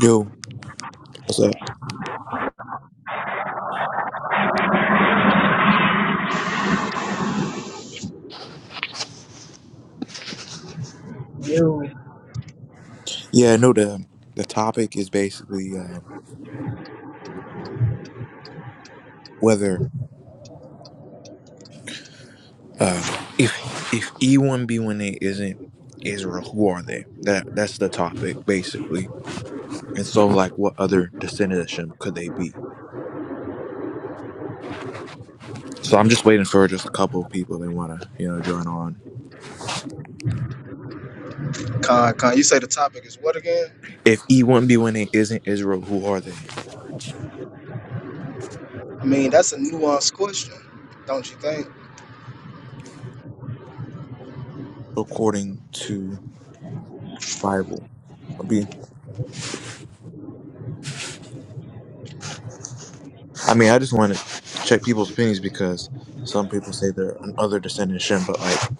Yo, what's up? Yo. Yeah, no. The the topic is basically um, whether um, if if E one B one A isn't Israel, who are they? That that's the topic basically. And so, like, what other descendanship could they be? So I'm just waiting for just a couple of people they want to you know join on. Con, con, you say the topic is what again? If E one B one A isn't Israel, who are they I mean, that's a nuanced question, don't you think? according to the Bible? I mean, I mean, I just want to check people's opinions because some people say they're another descendanship, but like,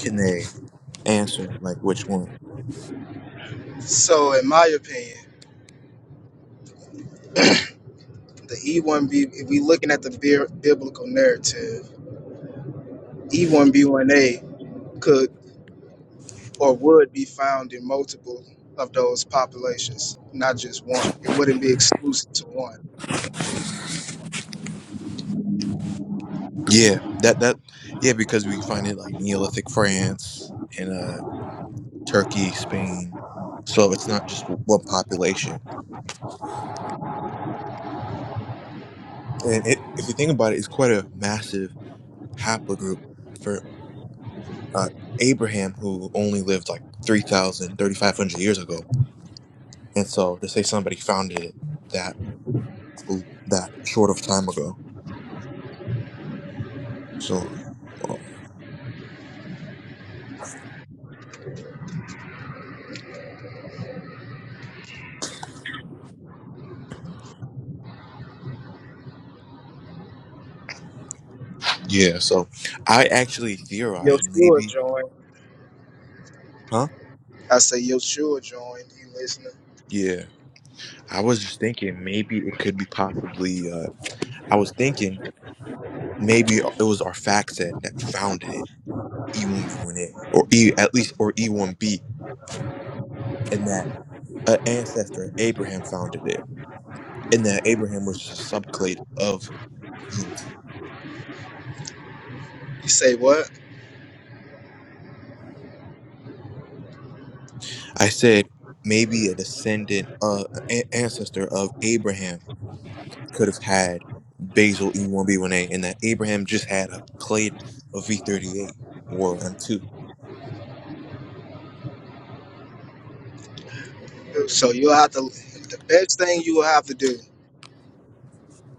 can they? answer like which one. So, in my opinion, the E1B, if we looking at the bi- biblical narrative, E1B1A could or would be found in multiple of those populations, not just one. It wouldn't be exclusive to one. Yeah, that that yeah because we find it like Neolithic France and uh Turkey, Spain. So it's not just w- one population. And it, if you think about it, it's quite a massive haplogroup for uh, Abraham, who only lived like three thousand, thirty-five hundred years ago. And so to say somebody founded it that that short of time ago. So well, yeah, so I actually theorized Yeshua maybe, joined. huh? I say Yeshua joined. You listening? Yeah. I was just thinking maybe it could be possibly. Uh, I was thinking maybe it was our fact set that founded it, E1B1A, or E at least or E1B, and that an ancestor Abraham founded it, and that Abraham was just a subclade of EMT. You say what? I said maybe a descendant, uh, an ancestor of Abraham could have had basal E1B1A, and that Abraham just had a clade of V38 or M2. So you'll have to. The best thing you will have to do.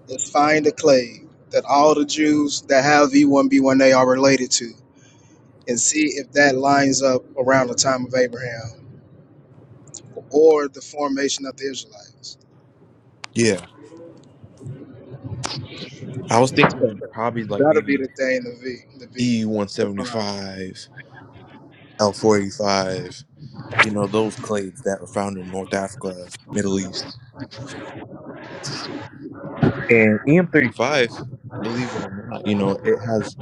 and find the clade that all the Jews that have E1B1A are related to, and see if that lines up around the time of Abraham or the formation of the Israelites. Yeah, I was thinking probably like That'll be maybe. the thing to be to be defined. E175, L485, you know, those clades that were found in North Africa, Middle East. And EM35, believe it or not, you know, it has,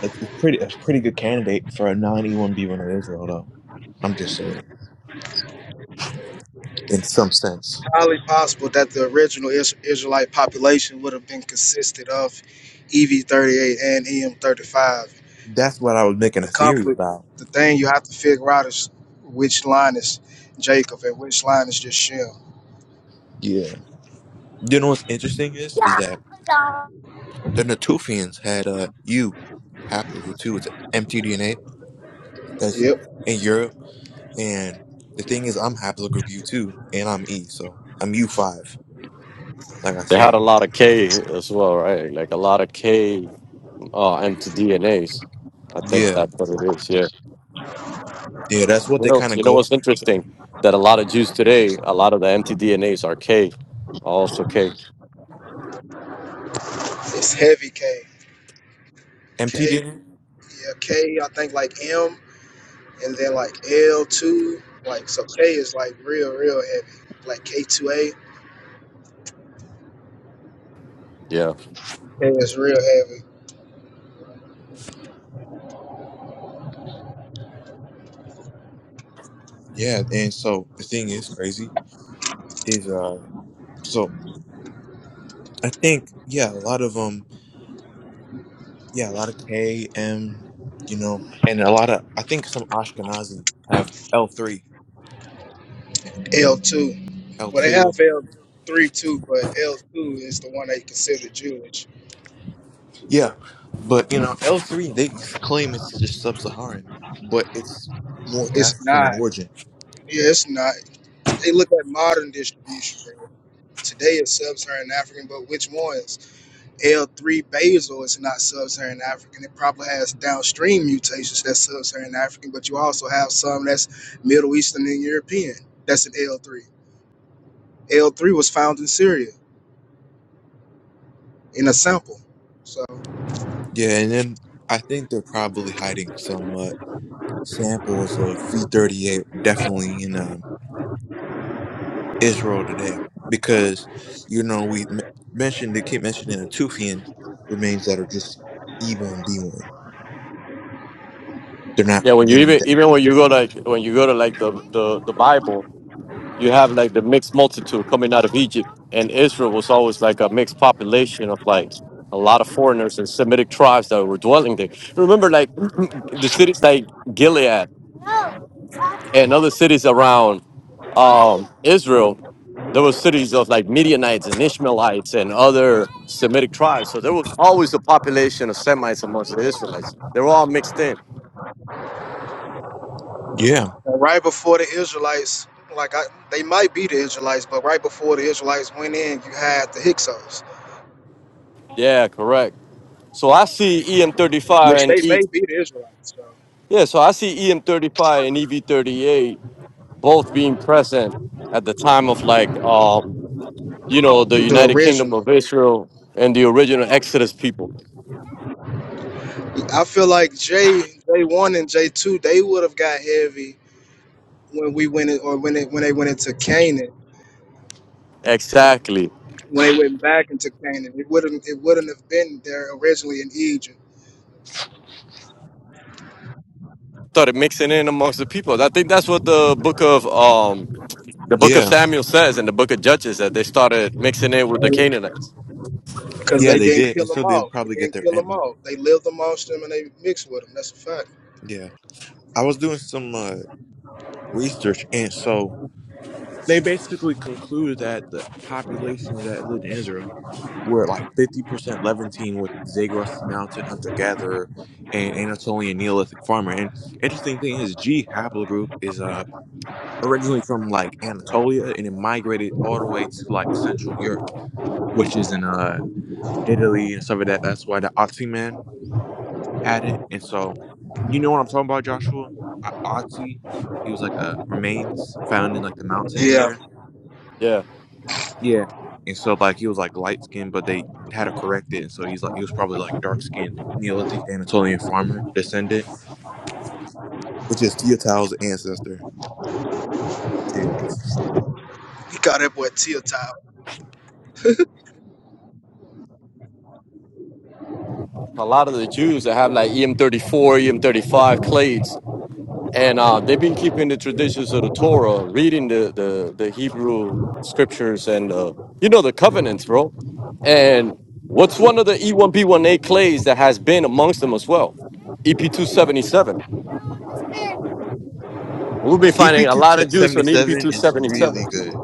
it's it's pretty, it's a pretty good candidate for a non E1B one in Israel, though. I'm just saying, in some sense. Highly possible that the original Is- Israelite population would have been consisted of EV38 and EM35. That's what I was The, making the a theory conflict, about. the thing you have to figure out is which line is Jacob and which line is just Shem. Yeah. You know what's interesting is, is that the Natufians had uh, U, haploid two. It's MTDNA. That's Yep, in Europe. And the thing is, I'm haplogroup U2, and I'm E, so I'm U5, like I They had said. a lot of K as well, right? Like a lot of K uh, mtDNAs. I think Yeah, that's what it is. Yeah. yeah, that's what You they know, kind of you know go. what's interesting that a lot of Jews today, a lot of the mtDNAs are K, also K. it's heavy K. MT K. didn't. Yeah, K, I think like M, and then like L two, like so K is like real, real heavy. Like K two A, Yeah. K is real heavy. Yeah, and so the thing is crazy is uh, so I think yeah, a lot of um, yeah, a lot of K M, you know, and a lot of I think some Ashkenazi have L three, L two, L well they two, have L three too, but L two is the one they consider Jewish. yeah, but you know L three they claim it's just sub-Saharan, but it's North It's African in not. origin. Yeah, it's not. They look at modern distribution, bro. Today it's sub-Saharan African, but which ones? L3 basal is not sub-Saharan African. It probably has downstream mutations that's sub-Saharan African, but you also have some that's Middle Eastern and European. That's an L3. L3 was found in Syria in a sample. So Yeah, and then I think they're probably hiding some uh, samples of V38 definitely in um, Israel today because you know we m- mentioned they keep mentioning the Tufian remains that are just E1 B1. They're not Yeah. When you gonna. even De- even when you go like when you go to like the the, the Bible, you have like the mixed multitude coming out of Egypt, and Israel was always like a mixed population of like a lot of foreigners and Semitic tribes that were dwelling there. Remember, like the cities like Gilead and other cities around um, Israel, there were cities of like Midianites and Ishmaelites and other Semitic tribes. So there was always a population of Semites amongst the Israelites. They were all mixed in. yeah, right before the Israelites, like I, they might be the Israelites, but right before the Israelites went in, you had the Hyksos, Yeah, correct. So I see EM35 which and they E. may be the Israelites. So Yeah, so I see EM35 and EV38 both being present at the time of like, um, you know, the the United Kingdom original. of Israel and the original Exodus people. I feel like J J one and J two they would have got heavy when we went in, or when it, when they went into Canaan, Exactly. when they went back into Canaan, it wouldn't it wouldn't have been there originally in Egypt Started mixing in amongst the people. I think that's what the book of um, the book of yeah, Samuel says and the book of Judges that they started mixing in with the Canaanites. because yeah. they They didn't did, kill and so them they'll all. probably They get didn't their. kill them am- all. They lived amongst them and they mixed with them. That's a fact. Yeah, I was doing some uh, research, and so They basically concluded that the population that lived in Israel were like 50% Levantine with Zagros Mountain hunter gatherer and Anatolian Neolithic farmer. And interesting thing is, G haplogroup is uh, originally from like Anatolia and it migrated all the way to like Central Europe, which is in uh, Italy and stuff like that. That's why the Otzi man had it. And so, you know what I'm talking about, Joshua? O- Otzi, he was like a remains found in like the mountains Yeah, there Yeah, Yeah. and so like he was like light skinned but they had to correct it and so he's like he was probably like dark skinned neolithic anatolian farmer descendant which is Teotihuaca's ancestor too he called that boy Tiotab. a lot of the Jews that have like EM34, EM35 clades and uh, they've been keeping the traditions of the Torah, reading the the, the Hebrew scriptures and uh, you know the covenants, bro. And what's one of the E1B1A clays that has been amongst them as well? EP277. We'll be finding a lot of Jews on ep277 is really EP277. good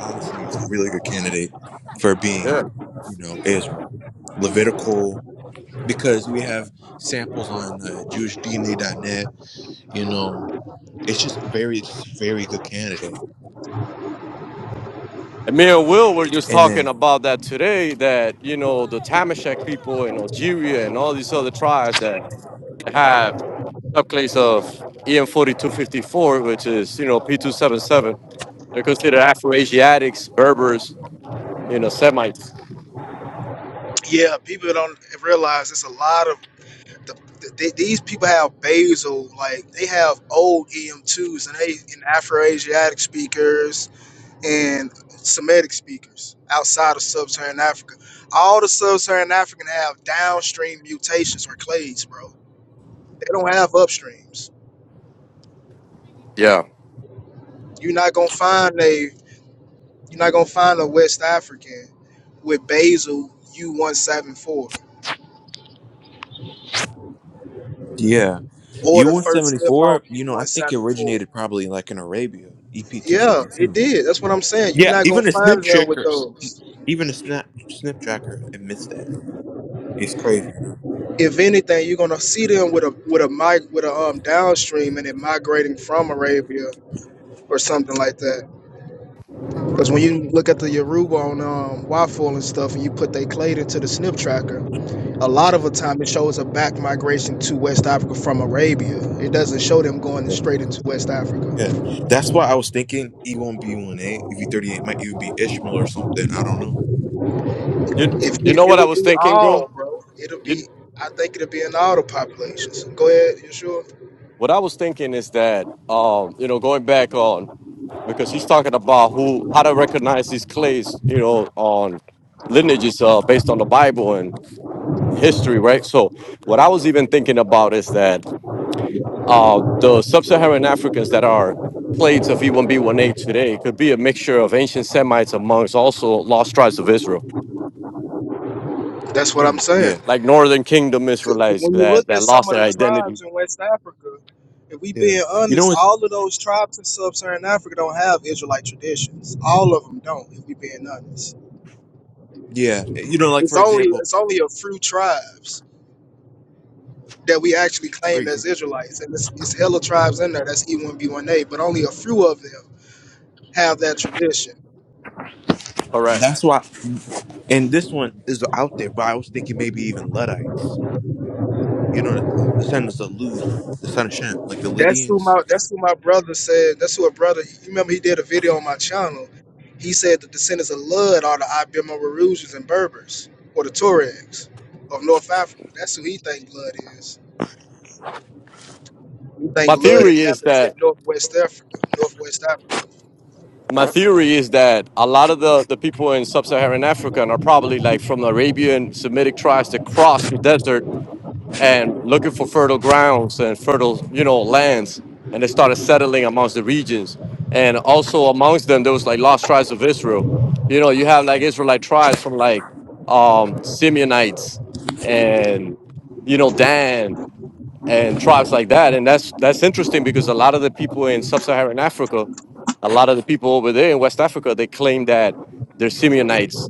honestly he's a really good candidate for being Yeah. you know israel levitical because we have samples on uh, Jewish D N A dot net. you know it's just very it's just a very good candidate And me and Will were just and talking then about that today. That you know the Tamashek people in Algeria and all these other tribes that have subclase of EM forty two fifty four, which is you know P two seven seven. They're considered Afro-Asiatics, Berbers, you know, Semites. Yeah, people don't realize it's a lot of the, the, they, these people have basal like they have old EM2s and they and Afro Asiatic speakers and Semitic speakers outside of sub-Saharan Africa. All the sub-Saharan African have downstream mutations or clades, bro. They don't have upstreams. Yeah. You're not gonna find a you're not gonna find a West African with basal U174 Yeah. or U the one first seventy slip off four, you know, I think it U174. originated probably like in Arabia, EP two Yeah, fifty two. it fifty-two. did. That's what I'm saying. You're Yeah, not gonna even the find snip them with tracker those. even the snap snip tracker admits that though. It's crazy, you know. If anything, you're gonna see them with a with a mic with a um downstream and it migrating from Arabia or something like that. Because when you look at the Yoruba on um, Waffle and stuff, and you put their clade into the SNP tracker, a lot of the time it shows a back migration to West Africa from Arabia. It doesn't show them going Yeah. straight into West Yeah. Africa. That's why I was thinking E one B one A, E V thirty eight might even be Ishmael or something. I don't know. You If you you, know it what I will was be thinking, bro? all, bro, it'll be. I think it'll be in all the populations. Go ahead, you sure? What I was thinking is that, um, you know, going back on, because he's talking about who, how to recognize these clays, you know, on lineages uh, based on the Bible and history, right? So, what I was even thinking about is that uh, the sub-Saharan Africans that are plates of E1B1A today could be a mixture of ancient Semites amongst also lost tribes of Israel, That's what Hmm. I'm saying. Yeah. like Northern Kingdom 'Cause Israelites When you that look that at lost some of their the identity. tribes in West Africa, if we Yeah. being You know honest, it's all of those tribes in Sub-Saharan Africa don't have Israelite traditions. All of them don't. If we being honest yeah. You know, like It's for only example, it's only a few tribes that we actually for claim as ex- Israelites, and it's, it's hella tribes in there. That's E1B1A, but only a few of them have that tradition. Correct. that's why and this one is out there, but I was thinking maybe even Luddites. you know, the descendants of Lud, the son of Shem, like the That's who Lydians. my that's who my brother said. That's who a brother. You remember he did a video on my channel. He said the descendants of Lud are the Iberian Rouges and Berbers or the Tuaregs of North Africa. That's who he think Lud is. He My think Lud Yeah, theory is that. inhabited Northwest Africa, Northwest Africa. my theory is that a lot of the, the people in sub-Saharan Africa are probably like from the Arabian Semitic tribes that crossed the desert and looking for fertile grounds and fertile, you know, lands, and they started settling amongst the regions. And also amongst them, there was like lost tribes of Israel. You know, you have like Israelite tribes from like um, Simeonites and you know Dan and tribes like that. And that's that's interesting because a lot of the people in sub-Saharan Africa, a lot of the people over there in West Africa, they claim that they're Simeonites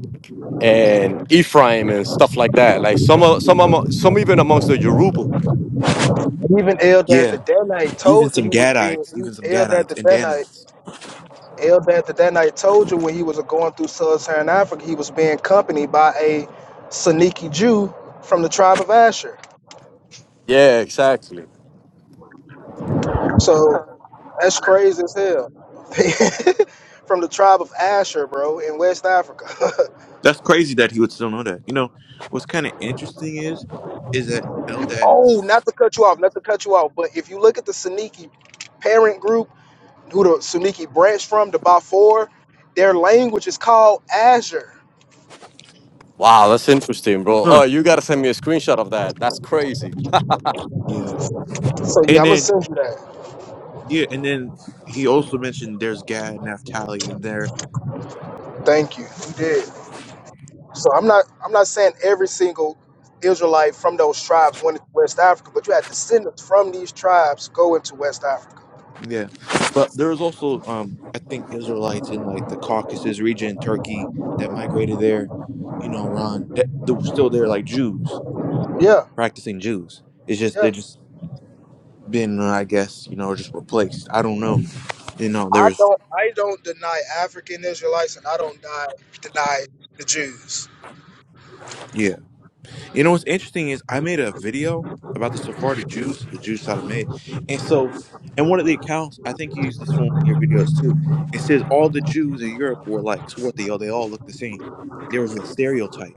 and Ephraim and stuff like that. Like some of some of some even amongst the Yoruba. Even Eldad the yeah. Danite even told you he some was being Gadites, even some Eldad Gadites the and Danite Danites. Eldad that that night told you when he was going through sub-Saharan Africa, he was being accompanied by a Saniki Jew from the tribe of Asher. Yeah, exactly. So that's crazy as hell. from the tribe of Asher, bro, in West Africa. That's crazy that he would still know that. You know, what's kind of interesting is, is that oh, Eldad's, not to cut you off, not to cut you off, but if you look at the Saniki parent group, who the Saniki branch from, the Bafour, their language is called Asher. Wow, that's interesting, bro. Oh, huh? you gotta send me a screenshot of that. That's crazy. Yeah, So yeah, and I'm gonna then send you that. yeah, and then he also mentioned there's Gad, Naphtali, and there. Thank you. You did. So I'm not I'm not saying every single Israelite from those tribes went to West Africa, but you had descendants from these tribes go into West Africa. Yeah, but there was also, um, I think Israelites in like the Caucasus region, Turkey, that migrated there. You know, Iran, that, that were still there, like Jews Yeah, practicing Jews. It's just yeah. they just been, uh, I guess, you know, just replaced. I don't know. You know, there I was don't I don't deny African Israelites, and I don't deny deny the Jews. yeah. You know what's interesting is I made a video about the Sephardic Jews, the Jews how to made, and so and one of the accounts I think you used this for one of your videos too. It says all the Jews in Europe were like so what they all they all look the same. There was a stereotype.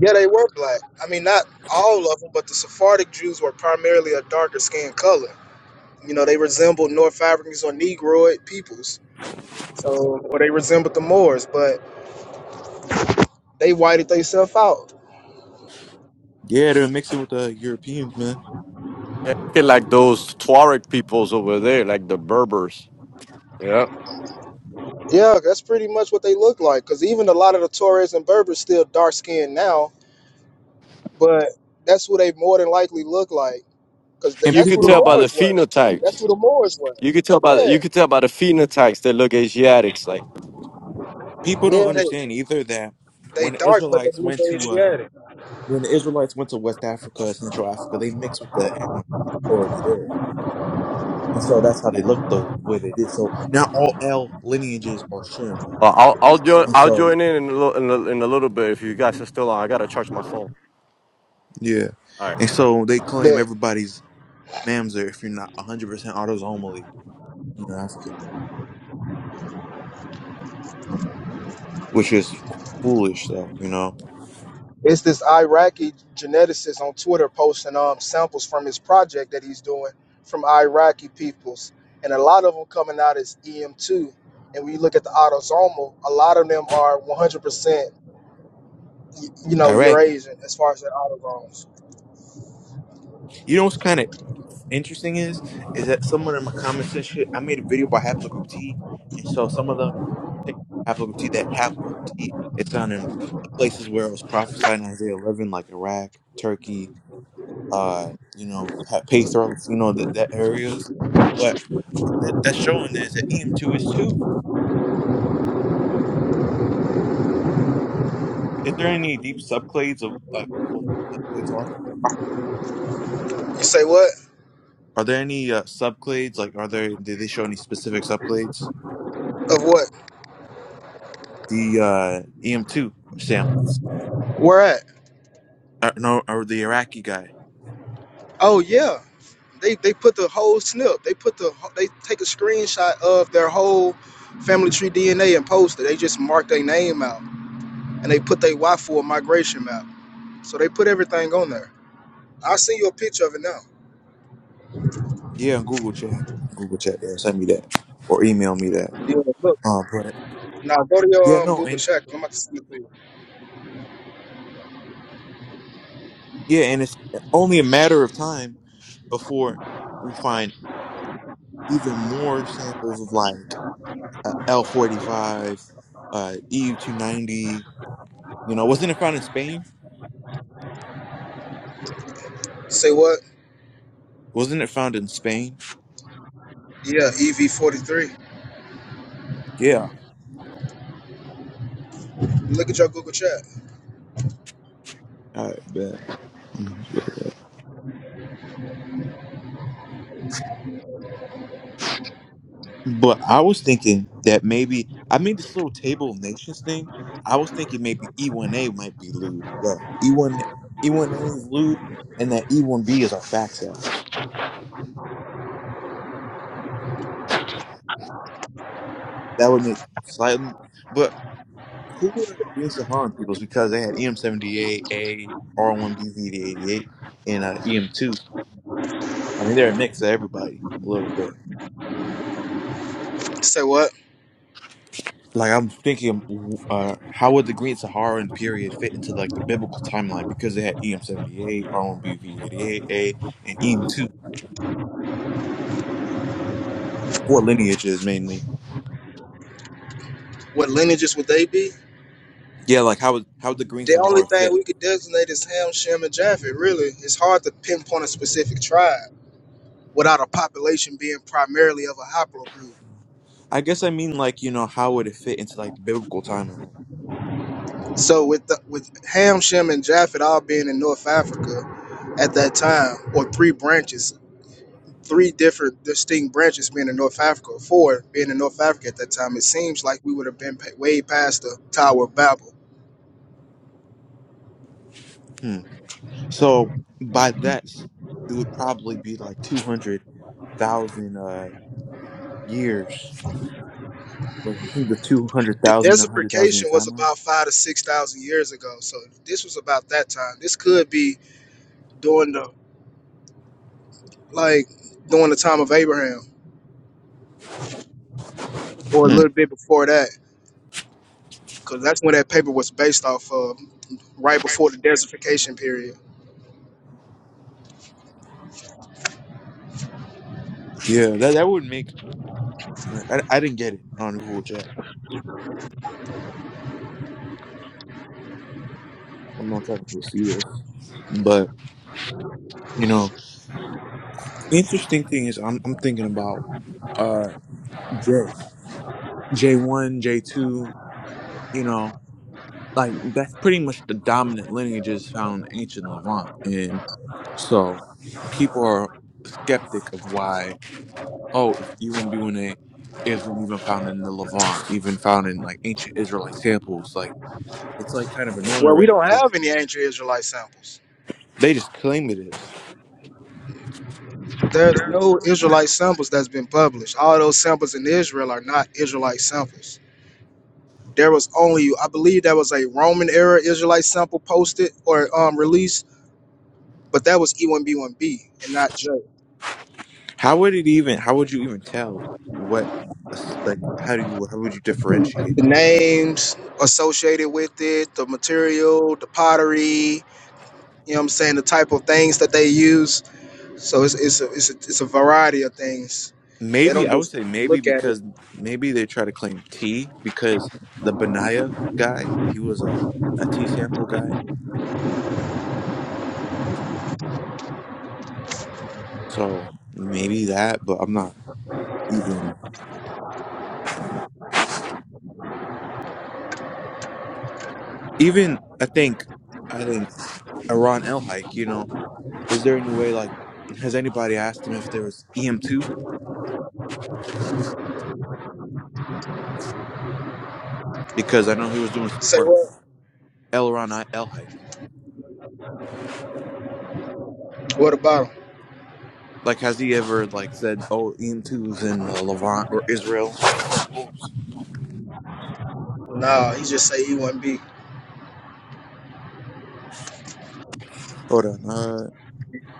Yeah, they were black. I mean, not all of them, but the Sephardic Jews were primarily a darker skin color. You know, they resembled North Africans or Negroid peoples. So, or they resembled the Moors, but they whited themselves out. Yeah, they're mixing with the Europeans, man. Yeah, Like those Tuareg peoples over there, like the Berbers. Yeah. Yeah, that's pretty much what they look like. Because even a lot of the Torres and Berbers still dark skinned now, but that's what they more than likely look like. Because th- And You that's could what people the tell don't by the Moors understand. were. That's what the phenotypes. Moors were. You could tell by the, Yeah, you could tell by the phenotypes that look Asiatics like People yeah, don't they understand either that they when the dark, but they Israelites look went to uh, Asiatic. when the Israelites went to West Africa, Central Africa, they mixed with the Hamites already there, and so that's how they looked the way they did. So now all L lineages are Shem, though, Well, I'll I'll join and I'll so join in in a, little, in a in a little bit if you guys are still on. I gotta charge my phone. yeah, All right. and so they claim But everybody's Mamzer if you're not 100 percent autosomally, you know, African, which is foolish, though. You know, it's this Iraqi geneticist on Twitter posting um samples from his project that he's doing from Iraqi peoples, and a lot of them coming out as EM2. And when you look at the autosomal, a lot of them are 100% you you know, your Iraqi. Asian as far as their auto loans. You know what's kind of interesting is is that someone in my comments and shit, I made a video about haplogroup T, and so some of them think haplogroup T that haplogroup T it's found in the places where it was prophesied in Isaiah 11, like Iraq, Turkey, uh, you know, Pa- Pathros, you know, that that areas. But what that, that's showing is that EM2 is two. Is there any deep subclades of like what the subclades are? You say what? Are there any uh, subclades? Like, are there? Did they show any specific subclades? Of what? The uh, EM2 samples. Where at? Uh, no, or the Iraqi guy. Oh yeah. They they put the whole snip. They put the wh- they take a screenshot of their whole family tree DNA and post it. They just mark their name out and they put their Y for migration map. So they put everything on there. I'll send you a picture of it now. Yeah, on Google Chat. Google Chat. Yeah, send me that or email me that. Yeah, look. Uh, but Now go to yeah, your um, no, Google and Chat. 'cause I'm about to send it to you. yeah, and it's only a matter of time before we find even more samples of like uh, L forty five, uh, EU two ninety. You know, wasn't it found in Spain? Say what? Wasn't it found in Spain? Yeah, EV43. Yeah. Look at your Google Chat. Uh, But I was thinking that maybe I made this little table of nations thing. I was thinking maybe E1A might be lewd. Yeah. E1 E1A is lewd and that E1B is our fact set. That would make slightly but who were the Green Saharan peoples because they had EM78A R1BV88 and uh, EM2. I mean they're a mix of everybody a little bit. Say what? like I'm thinking, uh, how would the Green Saharan period fit into like the biblical timeline? Because they had EM seventy eight, R1BV eighty eight A, and EM two, the four lineages mainly. What lineages would they be? Yeah, like how would how would the Green The only Sahara thing fit? we could designate is Ham, Shem, and Japhet. Really, it's hard to pinpoint a specific tribe without a population being primarily of a haplogroup. I guess I mean like you know how would it fit into like the biblical timeline? So, with the, with Ham, Shem, and Japhet all being in North Africa at that time, or three branches, three different distinct branches being in North Africa, four being in North Africa at that time, it seems like we would have been pa- way past the Tower of Babel. Hmm. So by that, it would probably be like two hundred thousand uh years. Like you think the two hundred The thousand, a hundred thousand year desertification was timeline? about five to six thousand years ago, so this was about that time. This could be during the like during the time of Abraham or a Hmm. little bit before that, because that's when that paper was based off of, right before the desertification period. Yeah, that that would make. like, I, I didn't get it on Google Chat. I'm not trying to foresee this, but you know, interesting thing is I'm I'm thinking about uh J J one J two. You know, like that's pretty much the dominant lineages found in ancient Levant, and so people are skeptic of why oh UMB1A isn't even found in the Levant, even found in like ancient Israelite samples. Like it's like kind of annoying Well, we already don't because have any ancient Israelite samples. they just claim it is. There's no Israelite samples that's been published. All those samples in Israel are not Israelite samples. There was only, I believe, there was a Roman era Israelite sample posted or um, released, but that was E1B1B and not J. How would it even? How would you even tell what? Like, how do you? How would you differentiate The that? names associated with it, the material, the pottery, You know what I'm saying? The type of things that they use. So it's it's a, it's a, it's a variety of things. They Maybe don't I would just say maybe look at it. because maybe they try to claim T because the Benaya guy he was a a T sample guy, so maybe that. But I'm not even even. I think I think Iran El Hike. You know, is there any way like has anybody asked him if there was EM two because I know he was doing some Say work. what? Elron I- El Hike. What about him? Like, has he ever like said, "Oh, em two's in uh, Levant or Israel"? Nah, he just say he wouldn't be. Hold on. Uh,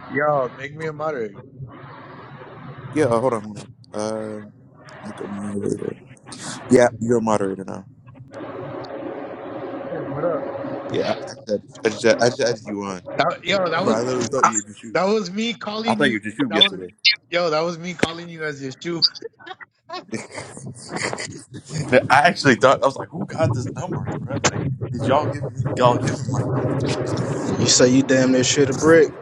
Yo, make me a moderator. yeah. Hold on. Hold on. Uh, make a moderator. Yeah, you're a moderator now. Hey, what up? Yeah, I said. I just, I just added you on. That, yo, that Bro, was I literally thought you were just you. that was me I calling thought you you. were just you That was yesterday. yo, that was me calling you as your shoe. I actually thought I was like, "Who got this number, bro?" Like, did y'all give me y'all give him my number? or something? You say you damn near shit a brick.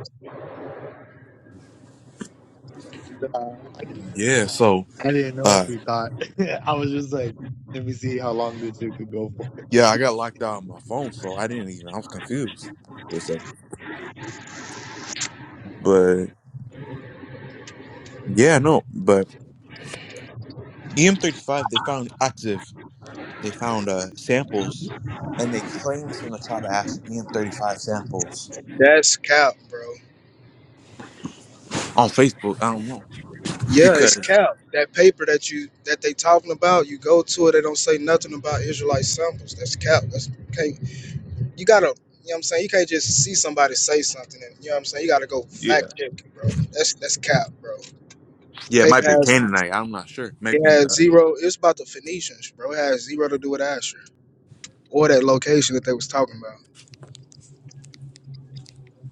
Uh, I didn't, yeah. So, I didn't know uh, if you thought. I was just like, let me see how long this shit could go for. yeah, I got locked out on my phone, so I didn't even. I was confused. But yeah, no, but EM35, they found active, they found uh, samples, and they claim it's from the tribe of Ash EM35 samples That's cap, bro. on Facebook. I don't know Yeah, it's because cap. That paper that you that they talking about, you go to it, they don't say nothing about Israelite samples. That's cap. That's can't you gotta you know what I'm saying? You can't just see somebody say something and you know what I'm saying? You gotta go yeah, fact check it, bro. That's that's cap, bro. yeah, it Paper might be a has Canaanite. I'm not sure. It Maybe has uh, zero. It's about the Phoenicians, bro. It has zero to do with Asher or that location that they was talking about.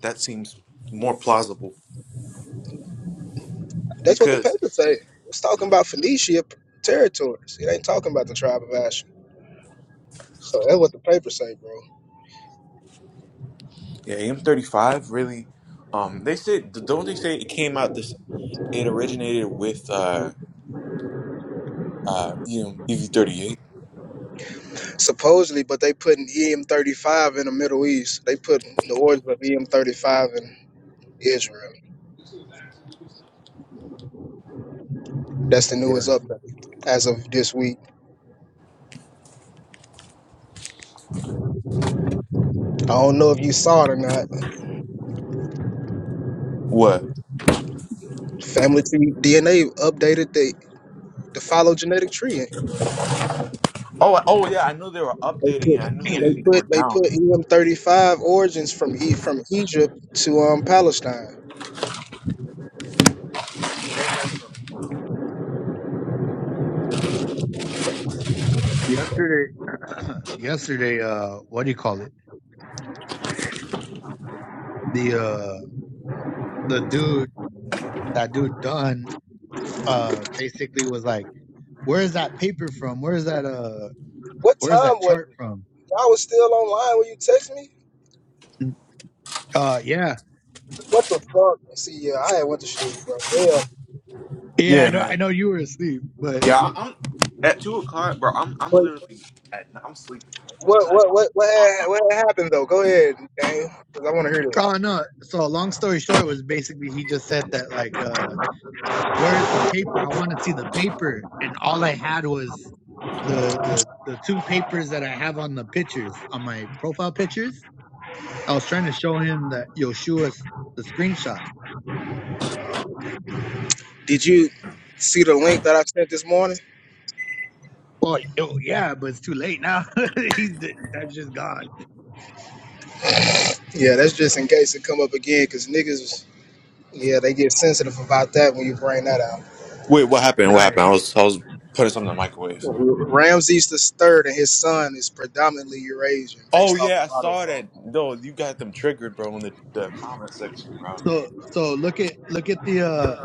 that seems more plausible That's what the because paper say. It's talking about Phoenicia p- territories. It ain't talking about the tribe of Asher. So that's what the paper say, bro. yeah, EM35 really. Um, they said don't they say it came out this? It originated with uh uh EM EV38. Supposedly, but they putting EM35 in the Middle East. They putting the orders of EM35 in Israel. That's the Yeah. newest update as of this week. I don't know if you saw it or not. What? Family Tree DNA updated the the phylogenetic tree Oh, oh yeah, I knew they were They updating it. put I knew they, they they were put they down. put EM thirty five origins from e from Egypt to um Palestine. Yesterday, yesterday, uh, what do you call it? The uh, the dude, that dude Dunn, uh, basically was like, where is that paper from? Where is that uh, What where is that time was chart it? from? Y'all was still online when you text me. Mm, Uh, yeah, What the fuck? See, yeah, I had went to sleep, bro. Yeah. yeah, I Yeah, know, I man. know you were asleep, but Yeah, I- I'm at two o'clock, bro. I'm I'm But literally at, I'm sleeping. I'm what not. what what what had, what had happened though? Go ahead, Dane, 'cause I want to hear this. Oh no! So long story short was basically he just said that like, uh, where's the paper? I want to see the paper, and all I had was the the the two papers that I have on the pictures on my profile pictures. I was trying to show him that Yoshua the screenshot. Did you see the link that I sent this morning? Well, yo, yeah, but it's too late now. He's that's just gone. Yeah, that's just in case it come up again, cause niggas, yeah, they get sensitive about that when you bring that out. Wait, what happened? What Right. happened? I was I was putting something in the microwave. Ramses the Third and his son is predominantly Eurasian Oh based off yeah, of I saw AutoZone. that. No, you got them triggered, bro, in the, the comment section, bro. So so look at look at the uh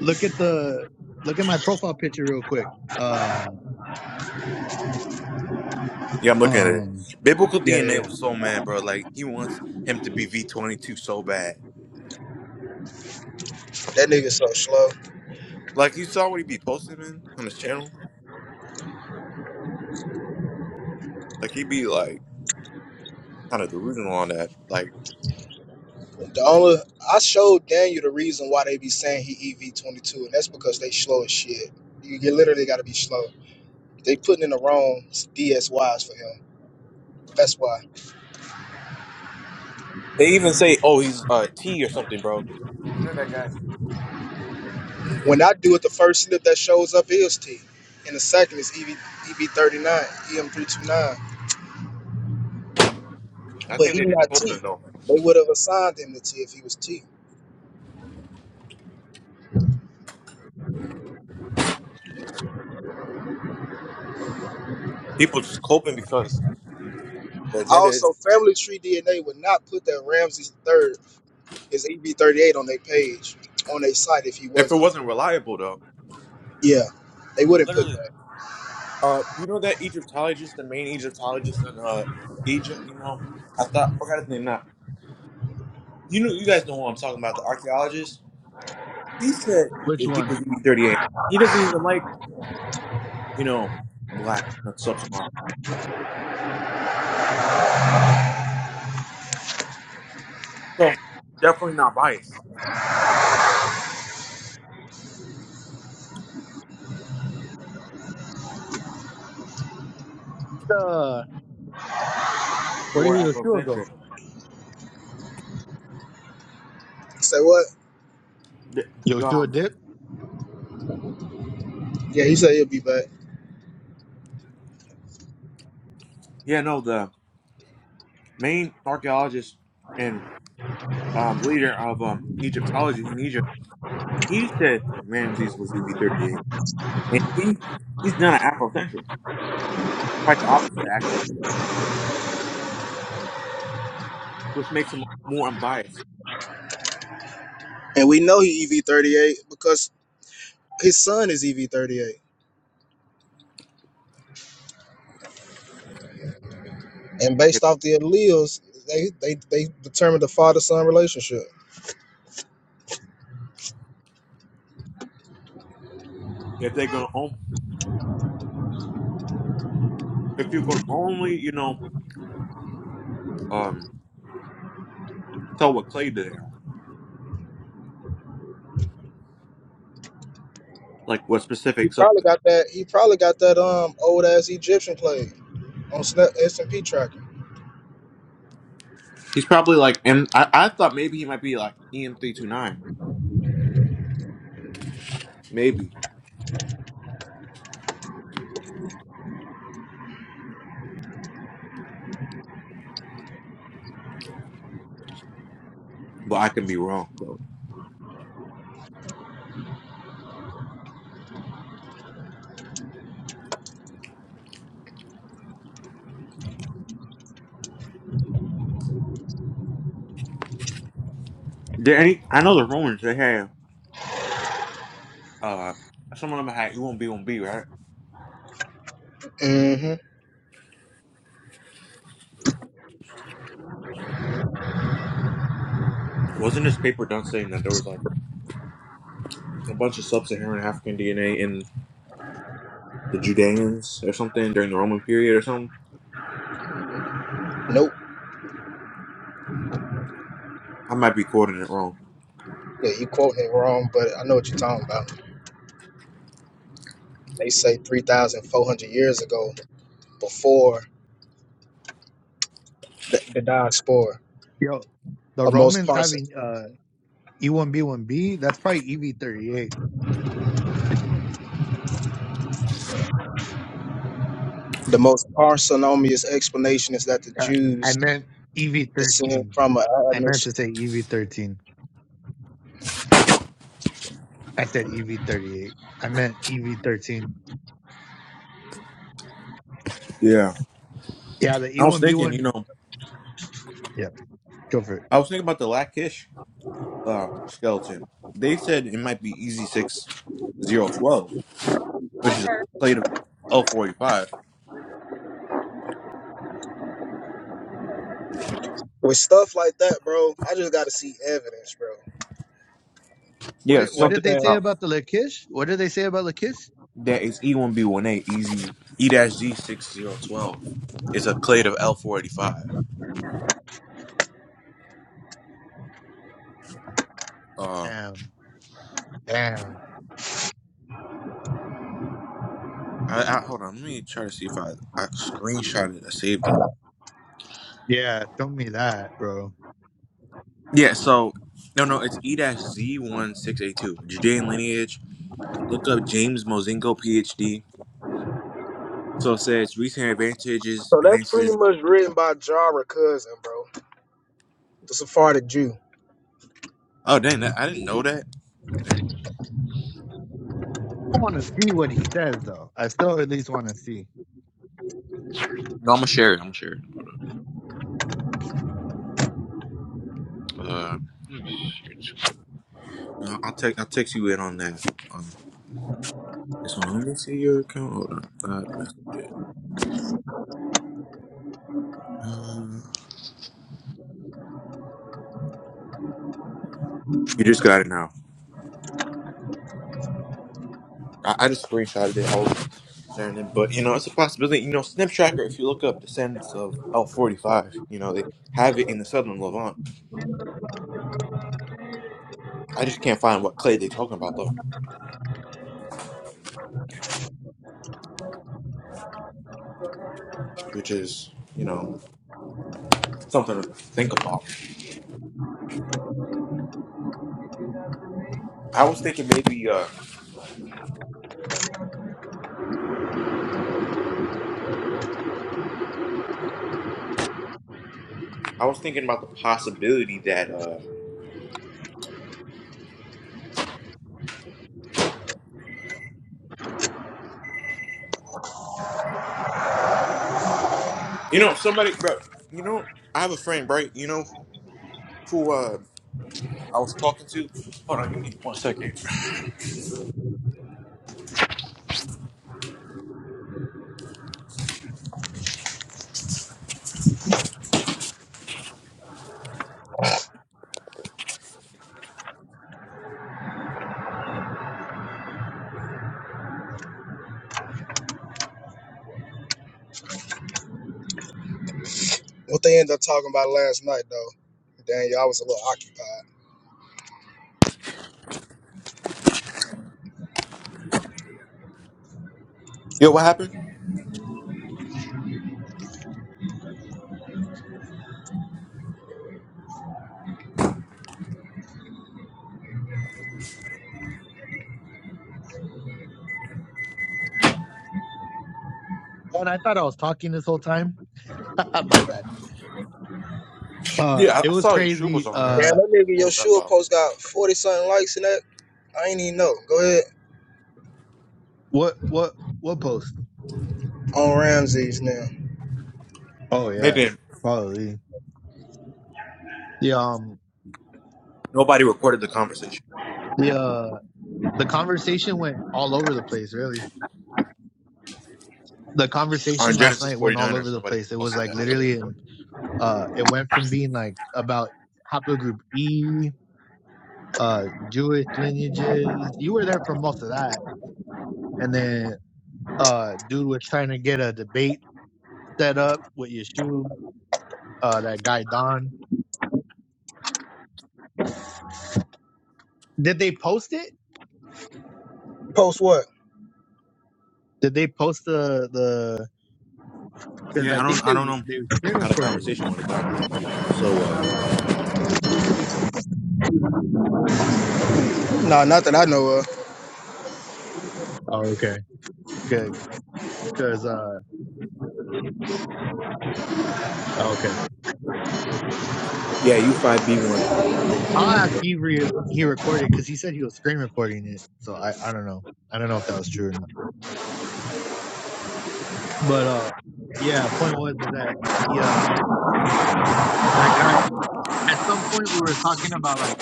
look at the look at my profile picture real quick. Uh Yeah, I'm looking at it. um Biblical yeah yeah. DNA yeah. was so mad, bro. Like he wants him to be V22 so bad. That nigga so slow. Like you saw what he be posting, man, on his channel. Like he be like kind of delusional on that. Like. The only I showed Daniel the reason why they be saying he EV twenty two, and that's because they slow as shit. You, you literally gotta be slow. They putting in the wrong DSYs for him. That's why. They even say, "Oh, he's uh, T or something, bro." You know that guy. When I do it, the first slip that shows up is T, and the second is EV EV thirty nine, EM three two nine. I But think he they're just not T. coping though. They would have assigned him to T if he was T. People just coping because the agenda Also, is. Family Tree DNA would not put that Ramsey third is EB38 on their page, on their site if he If it wasn't. wasn't reliable though, Yeah, they wouldn't put Literally, that. uh, you know that Egyptologist, the main Egyptologist in uh Egypt. You know, I thought forgot his name now. You know, you guys know who I'm talking about, the archaeologist. He said Which if he one? was EB38, he doesn't even like you know black sub-Saharan. So definitely not biased The Where did or Yeshua go? Afrocentric. Say what? The- Yoshua um, Dip? Yeah, he said he'll be back. yeah, no, the main archaeologist and um, leader of um, Egyptology in Egypt, he said Ramses was EV38, and he he's not an Afrocentric, quite the opposite actually, which makes him more unbiased. And we know he EV38 because his son is EV38. And If, based off the alleles, they they they determined the father son relationship. if they're gonna on, if you can only you know um, tell what clade they are, like what He specific sub, probably got that. He probably got that um old ass Egyptian play on Snap S and P tracking. he's probably like, and I, I thought maybe he might be like EM329, maybe, but I can be wrong though. There any? I know the Romans they had uh some of them had E1B1B, right? Mm-hmm. Wasn't this paper done saying that there was like a bunch of sub-Saharan African DNA in the Judeans or something during the Roman period or something? Nope. I might be quoting it wrong. Yeah, you quoting it wrong, but I know what you're talking about. They say 3,400 years ago, before the, the diaspora. Yo, the Of most Romans parts, having uh E1B1B, that's probably EV38. the most parsimonious explanation is that the Uh, I Jews meant descend EV13. from an I meant to Amish. say EV13. I said EV38. I meant EV13. Yeah. Yeah, the I was thinking, you E1B1. know, Yeah, go for it. I was thinking about the Lachish uh, skeleton. They said it might be Easy Six Zero Twelve, which is a plate of L forty five. With stuff like that, bro, I just got to see evidence, bro. What, Yeah, You what know did something what they I'm saying? say about about the Lakish? What did they say about Lakish? that is E one B one A Easy E dash Z six zero twelve. It's a plate of L four eighty five. Damn. Damn. I, I hold on. Let me try to see if I I screenshot it. I saved it. Yeah, show me that, bro. Yeah. So no, no. It's E Z one six eight two Judean lineage. Look up James Mozingo PhD. So it says recent advantages So that's pretty advances. much written by Jara Cousin, bro, the Sephardic Jew. Oh dang! That, I didn't know that. I want to see what he says, though. I still at least want to see. No, I'm gonna share it. I'm gonna share it. Uh, Hmm. I'll I'll text. I'll text you in on that. Um, this one. Let me see your account. Hold on. Uh, you just got it now. I, I just screenshotted it. I was sharing it, but you know, it's a possibility. You know, Snip Tracker. If you look up descendants of L forty five, you know they have it in the southern Levant. I just can't find what clay they're talking about though, which is you know something to think about. I was thinking maybe uh I was thinking about the possibility that uh you know somebody bro you know I have a friend right you know who uh I was talking to. Hold on, you need one second. What they ended up talking about last night, though. damn, y'all was a little occupied. Yo, what happened? And I thought I was talking this whole time. My bad. Uh, Yeah, I, it I was saw your shoe was crazy. on there. Uh, Damn, that nigga What was that Yeshua about? post got 40 something likes in that. I ain't even know. Go ahead. what what what post? On Ramses now. Oh yeah, Maybe. probably. Yeah. Um. Nobody recorded the conversation The uh the conversation went all over the place. Really, the on conversation last Genesis night went all over 49ers. the Nobody place. It was posted like that. literally, in, uh, it went from being like about haplogroup E, uh, Jewish lineages. You were there for most of that, and then uh, dude was trying to get a debate set up with Yeshua. Uh, that guy Don. Did they post it? Post what? Did they post the the? because Yeah, I I don't. think I they don't know. they screen Had a recorded it. conversation with a guy. So uh, No, not that I know of. Oh, okay. Good, because uh, Oh, okay. yeah, U five B one, I'll ask Avery if he recorded because he said he was screen recording it. So I I don't know. I don't know if that was true or not. But uh, yeah. Point was is that he uh that guy at some point we were talking about like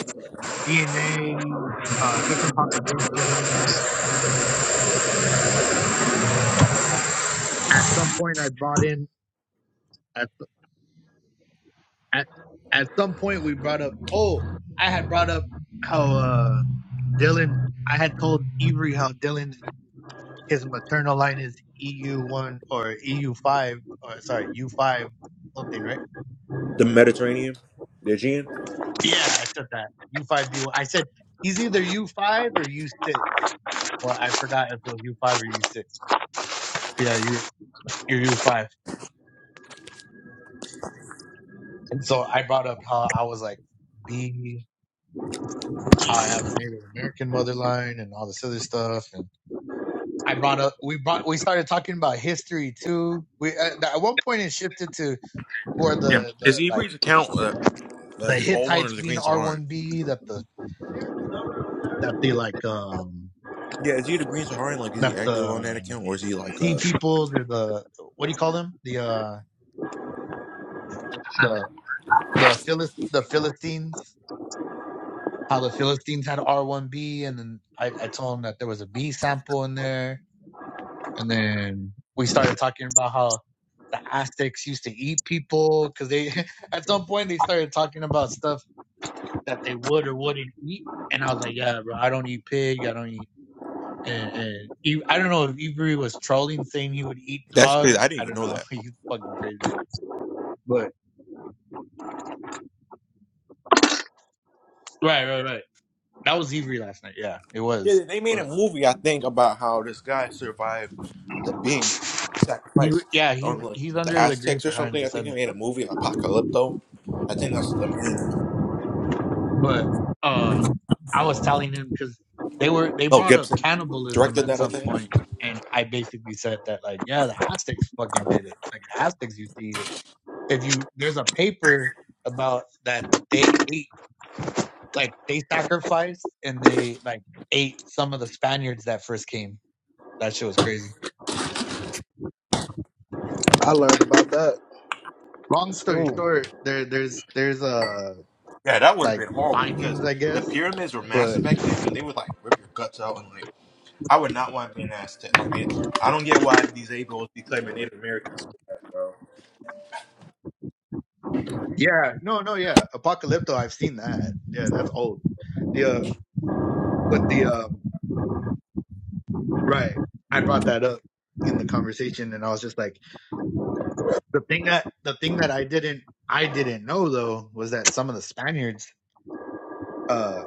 DNA, uh, different populations. At some point I brought in at at at some point we brought up. Oh, I had brought up how uh Dylan. I had told Avery how Dylan and his maternal line is EU1 or EU5, or sorry, U5 something, right? the Mediterranean, the Aegean. Yeah, I said that. U5B1. I said he's either U5 or U6. Well, I forgot if it was U5 or U6. Yeah, you're, you're U5. And so I brought up how I was like B, how I have a Native American mother line and all this other stuff. And I brought up, we brought, we started talking about history too. We, at, at one point it shifted to who are Yeah, the, is the, like, Ibri's account uh, uh, the his old one Hittites or the being Green Saharan? R1B, that the that the like um Yeah, is he the Green Saharan? Like, is he that active on that the account or is he like sea uh? peoples or the what do you call them the uh the the Philist the Philistines how the Philistines had R one B and then I I told them that there was a B sample in there and then we started talking about how the Aztecs used to eat people because they at some point they started talking about stuff that they would or wouldn't eat and I was like yeah bro I don't eat pig I don't eat and, and he, I don't know if Ivory was trolling saying he would eat That's dog. crazy. I didn't I even don't know know. that. He's fucking crazy. But right, right, right. That was Ivory last night. Yeah, it was. Yeah, they made a But movie I think about how this guy survived the being he, sacrificed yeah, he's on like he's the under the Green Aztecs or Saharan something. I think they descendant. made a movie Apocalypto. I think that's the main. But uh, I was telling him because they were they Oh, brought up Gibson cannibalism directed at that, I some think. point, and I basically said that like, yeah, the Aztecs fucking did it. Like the Aztecs used to eat it. If you there's a paper about that they ate like they sacrificed and they like ate some of the Spaniards that first came. That shit was crazy. I learned about that in Long story school. short, there there's there's uh Yeah, that would have like been horrible because findings, I the guess. pyramids were massive But back then, and they would like rip your guts out. And like, I would not want to be an Aztec. I mean, I don't get why these Abels be claiming Native Americans. yeah, no, no, yeah, Apocalypto, I've seen that. Yeah, that's old. The uh, but the um, right, I brought that up in the conversation, and I was just like, the thing that the thing that I didn't I didn't know though was that some of the Spaniards uh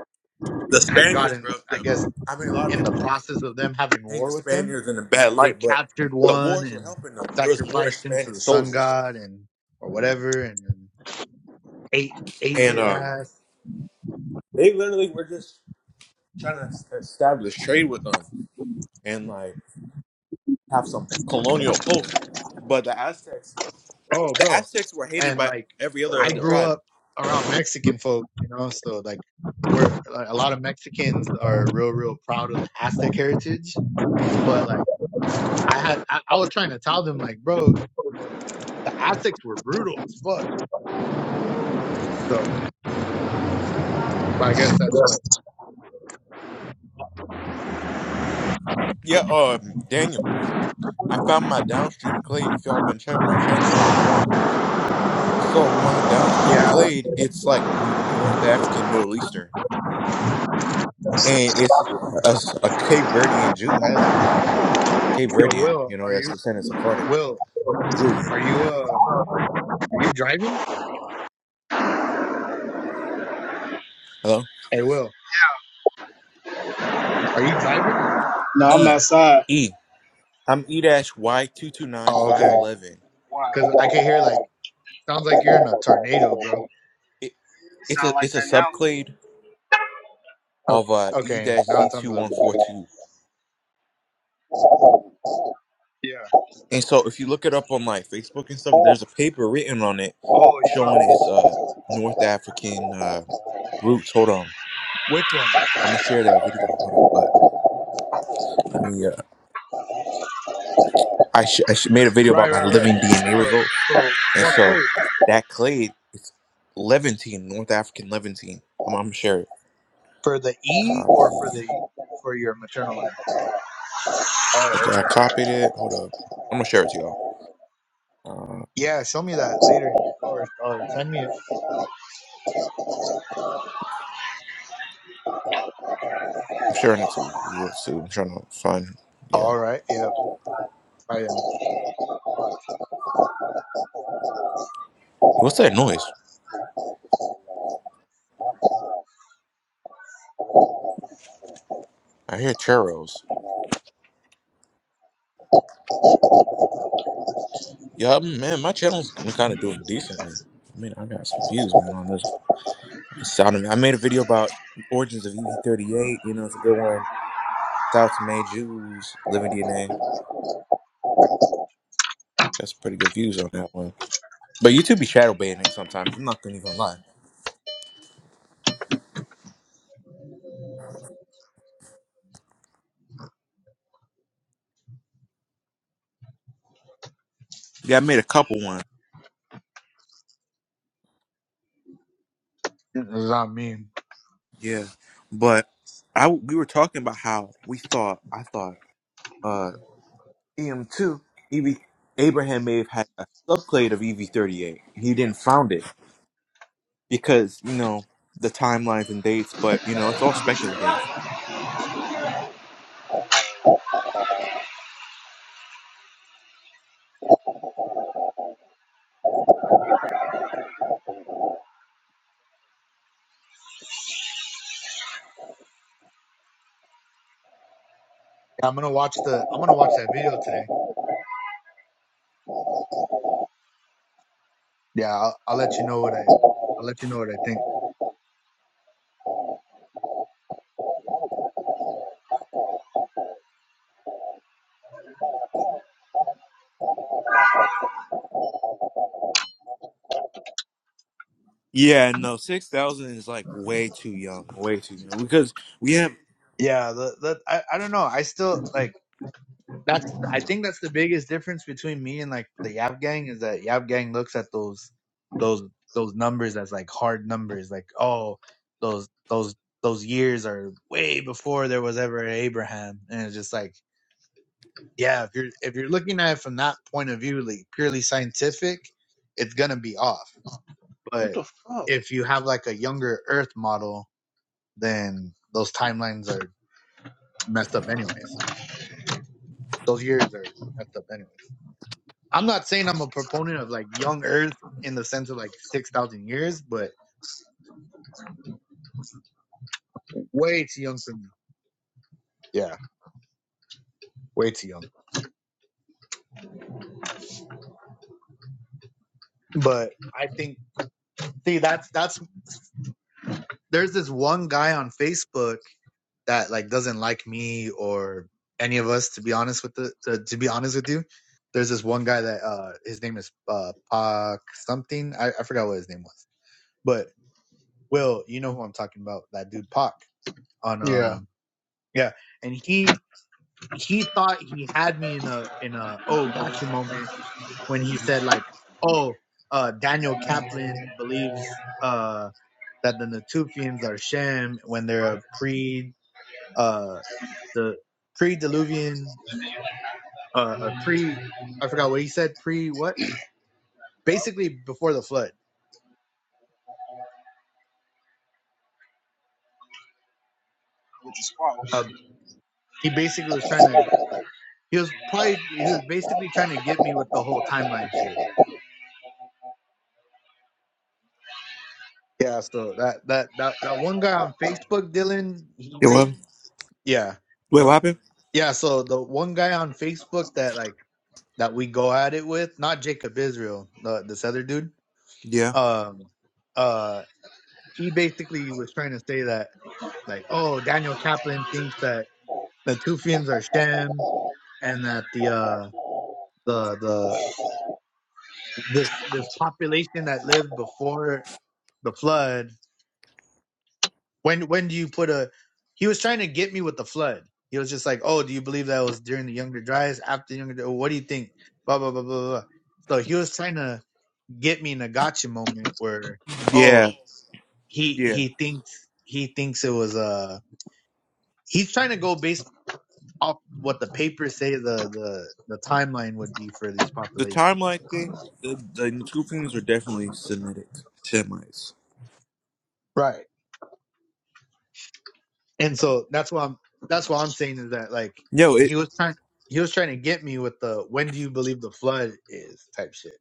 The had Spaniards, gotten, bro. I The, guess I mean, a lot of in the people process of them having paint the war with them, Spaniards in a bad they light, but captured the one Moors were and helping them. There was more sacrificed him to Spanish the sun soldiers, god and or whatever, and, and ate ate and his um, ass. they literally were just trying to es- establish trade with them and like have some colonial posts. But the Aztecs. Oh, The bro, Aztecs were hated and by like every other I other grew tribe. up around Mexican folk, you know, so like we're like, a lot of Mexicans are real, real proud of the Aztec heritage, but like I had, I, I was trying to tell them like, bro, the Aztecs were brutal as fuck. So I guess that's what. Yeah, um, Daniel, I found my downstream clade. If y'all been checking my channel out, so my downstream Yeah, the, clade, it's like North African, Middle Eastern, and it's a, a Cape Verdean Jew has it though. Cape yo, Verdean, Will, you know, are that's you descendants of Sephardic Will? Jew. Are you? uh Are you driving? Hello, Hey, Will, are you driving? No, I'm E, outside. E. I'm E dash Y two two nine Oh, five okay. eleven. Why? Because I can hear like sounds like you're in a tornado, bro. It, It it's a sound like it's a that now subclade of Okay, uh E okay. dash Now Z it sounds two a little one bit four better. two. Yeah. And so if you look it up on like Facebook and stuff, there's a paper written on it Oh, you found showing its uh North African uh roots. Hold on. which one? I'm gonna share that video. Hold up. But let me uh, I sh- I sh- made a video Right, about my right, right. living DNA For results. for And what so claim? that clade it's Levantine, North African Levantine. I'm, I'm gonna share it. For the E or Copy. for the for your maternal line? Oh, Okay, I okay. copied it. Hold up. I'm gonna share it to y'all. Uh, Yeah, show me that later or or send me it. I'm sharing it to Will too. I'm trying to find yeah. All right. Yeah. I am. What's that noise? I hear churros. Yeah, I'm- man, my channel's been kind of doing decently. I mean, I got some views, man, on this. Sound- I made a video about origins of EV38. You know, it's a good one. South May Jews, Living DNA. That's pretty good views on that one. But YouTube be shadow banning sometimes. I'm not gonna even lie. Yeah, I made a couple ones. It's not me. Yeah, Yeah, but I we were talking about how we thought I thought uh EM2 EV Abraham may have had a subclade of EV38. He didn't found it. because you know the timelines and dates, but you know it's all speculative. I'm gonna watch the. I'm gonna watch that video today. Yeah, I'll, I'll let you know what I. I'll let you know what I think. Yeah, no, six thousand is like way too young, way too young because we have. yeah the, the, I, I don't know i still like that's i think that's the biggest difference between me and like the YAP gang is that YAP gang looks at those those those numbers as like hard numbers like oh those those those years are way before there was ever abraham and it's just like yeah if you're if you're looking at it from that point of view like purely scientific it's gonna be off but if you have like a younger earth model then those timelines are messed up anyways You know. those years are messed up anyways. I'm not saying I'm a proponent of like young Earth in the sense of like six thousand years, but way too young for me. Yeah, way too young. But I think see that's that's there's this one guy on Facebook that like doesn't like me or any of us to be honest with the to, to be honest with you. There's this one guy that uh his name is uh Pac something. I, I forgot what his name was. But Will, you know who I'm talking about, that dude Pac on um uh, Yeah. yeah. And he he thought he had me in a in a oh gotcha moment when he said like oh uh Daniel Kaplan believes uh that the Natufians are Shem when they're a pre uh the pre diluvian uh or pre I forgot what he said pre what basically before the flood with the uh, squash. he basically was trying to he was probably he was basically trying to get me with the whole timeline shit yeah so that that that that one guy on Facebook Dylan Yeah, he well, Yeah. wait, what No. happened? Yeah, so the one guy on Facebook that like that we go at it with, not Jacob Israel, the this other dude, Yeah, um uh he basically was trying to say that like, oh, Daniel Kaplan thinks that the Tufians are Shem and that the uh the the this this population that lived before the flood When when do you put a? He was trying to get me with the flood. He was just like, "Oh, do you believe that was during the Younger Dryas? After the Younger, Dryas? what do you think?" Blah blah blah blah blah. So he was trying to get me in a gotcha moment where, yeah, oh, he yeah. he thinks he thinks it was uh he's trying to go based off what the papers say the the the timeline would be for these The populations. timeline thing, the, the two things were definitely Semitic Semites. Right. And so that's why I'm that's what I'm saying is that like Yo, it he was trying he was trying to get me with the when do you believe the flood is type shit.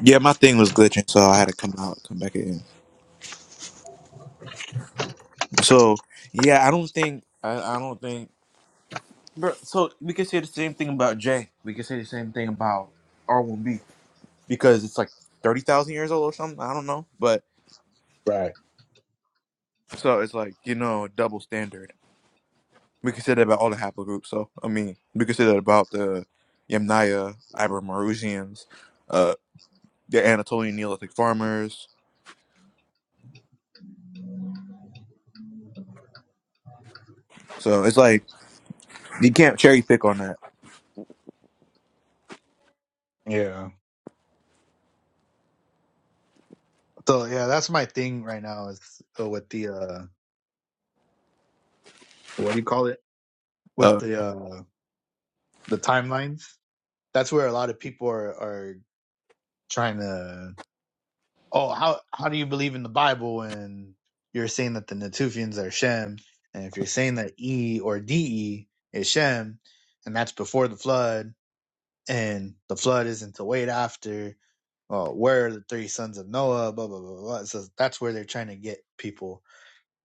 yeah, my thing was glitching, so I had to come out, come back in. So yeah, I don't think I, I don't think. Bro, so we can say the same thing about Jay. We can say the same thing about R1B. because it's like 30,000 years old or something. I don't know. But Right. so it's like, you know, double standard. We can say that about all the haplogroups. So, I mean, we can say that about the Yamnaya, Ibermarusians, uh, the Anatolian Neolithic farmers. So it's like, you can't cherry pick on that. Yeah. So yeah, that's my thing right now is uh, with the uh what do you call it? With Uh, the uh the timelines. That's where a lot of people are are trying to oh how how do you believe in the Bible and you're saying that the Natufians are Shem and if you're saying that E or DE is Shem and that's before the flood and the flood isn't to wait after well, where are the three sons of Noah? Blah blah blah blah. blah. So that's where they're trying to get people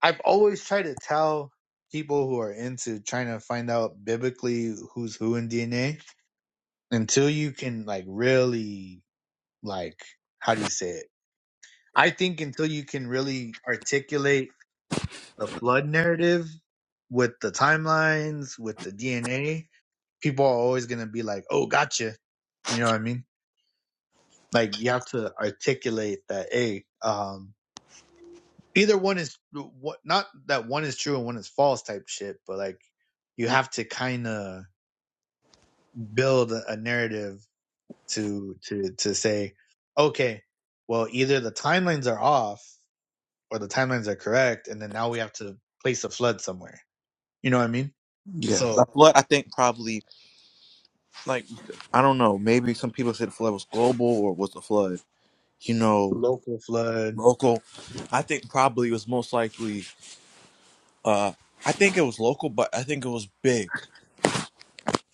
I've always tried to tell people who are into trying to find out biblically who's who in DNA until you can like really like how do you say it? I think until you can really articulate the flood narrative with the timelines, with the DNA, people are always gonna be like, Oh, gotcha. You know what I mean? Like you have to articulate that, hey, um, either one is what not that one is true and one is false type shit, but like you have to kind of build a narrative to to to say, okay, well either the timelines are off or the timelines are correct, and then now we have to place a flood somewhere. You know what I mean? yeah. The So flood, I think probably, like, I don't know, maybe some people said the flood was global or was the flood, you know, local flood. local. I think probably it was most likely, uh, I think it was local, but I think it was big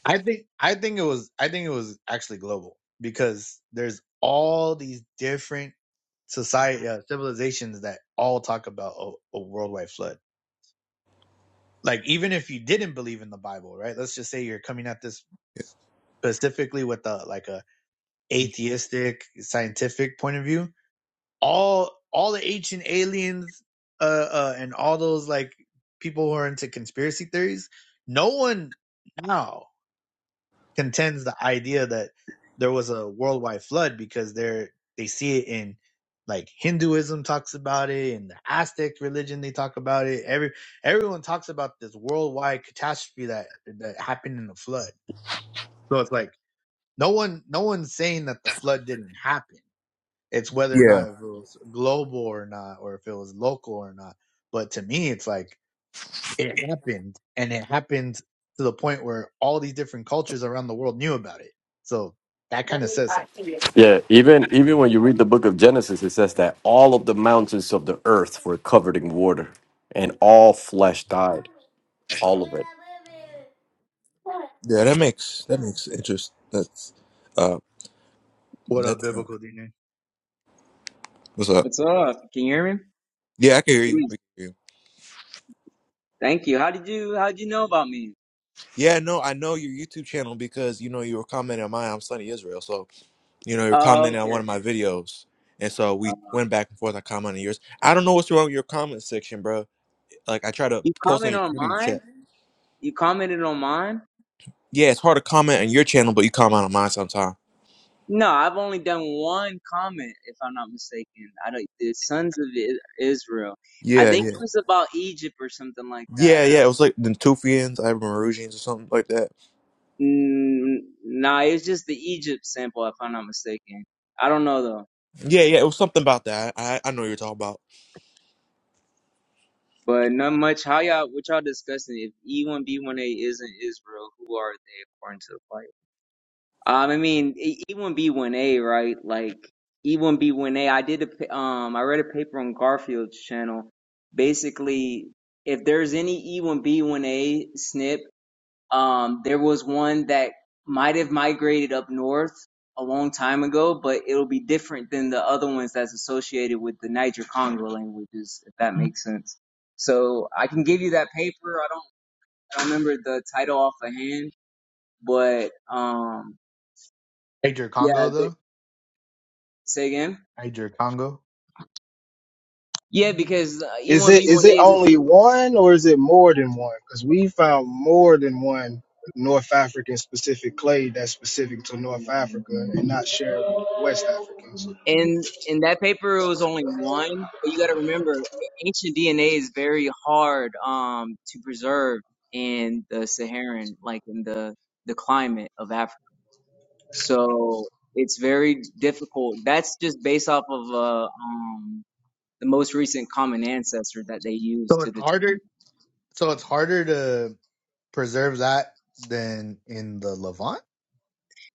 I think I think it was I think it was actually global because there's all these different society uh, civilizations that all talk about a, a worldwide flood like even if you didn't believe in the bible right let's just say you're coming at this specifically with a like a atheistic scientific point of view all all the ancient aliens uh, uh and all those like people who are into conspiracy theories no one now contends the idea that there was a worldwide flood because they're they see it in like Hinduism talks about it and the Aztec religion they talk about it. Every everyone talks about this worldwide catastrophe that that happened in the flood. So it's like no one no one's saying that the flood didn't happen. It's whether or Yeah, not if it was global or not, or if it was local or not. But to me, it's like it happened and it happened to the point where all these different cultures around the world knew about it so that kind of says something Yeah, even even when you read the book of Genesis, it says that all of the mountains of the earth were covered in water, and all flesh died, all of it. yeah, that makes that makes interest. That's uh, What up, that's uh, biblical DNA? what's up. What's up? Can you hear me? Yeah, I can hear you. Yes. We can hear you. Thank you. How did you how did you know about me? Yeah, no, I know your YouTube channel because you know you were commenting on mine. I'm Sunny Israel, so you know you were Oh, commenting on okay. one of my videos, and so Uh, we went back and forth. I commented on yours. I don't know what's wrong with your comment section, bro. Like I try to You post on comment your on community mine? chat. You commented on mine? Yeah, it's hard to comment on your channel, but you comment on mine sometime. No, I've only done one comment, if I'm not mistaken. I don't. The Sons of I- Israel. I Yeah, think yeah, it was about Egypt or something like that. yeah, yeah. It was like the Tufians, Iberians, or something like that. Mm, nah, it's just the Egypt sample, if I'm not mistaken. I don't know though, Yeah, yeah, it was something about that. I I know what you're talking about. but not much. How y'all? What y'all discussing? If E1B1A isn't Israel, who are they according to the Bible? Um, I mean, E one B one A, right? Like E one B one A. I did a pa- um, I read a paper on Garfield's channel. Basically, if there's any E one B one A SNP, um, there was one that might have migrated up north a long time ago, but it'll be different than the other ones that's associated with the Niger Congo languages, if that makes sense. So I can give you that paper. I don't, I don't remember the title off the hand, but um, niger yeah, congo though Say again? niger congo Yeah, because uh, Is it is it E1B1A is only one or is it more than one? Because we found more than one North African specific clay that's specific to North Africa and not shared with West Africans. in in that paper it was only one, but you got to remember ancient DNA is very hard um to preserve in the Saharan, like in the the climate of Africa. So it's very difficult. That's just based off of uh um the most recent common ancestor that they use so to it's determine. harder so it's harder to preserve that than in the levant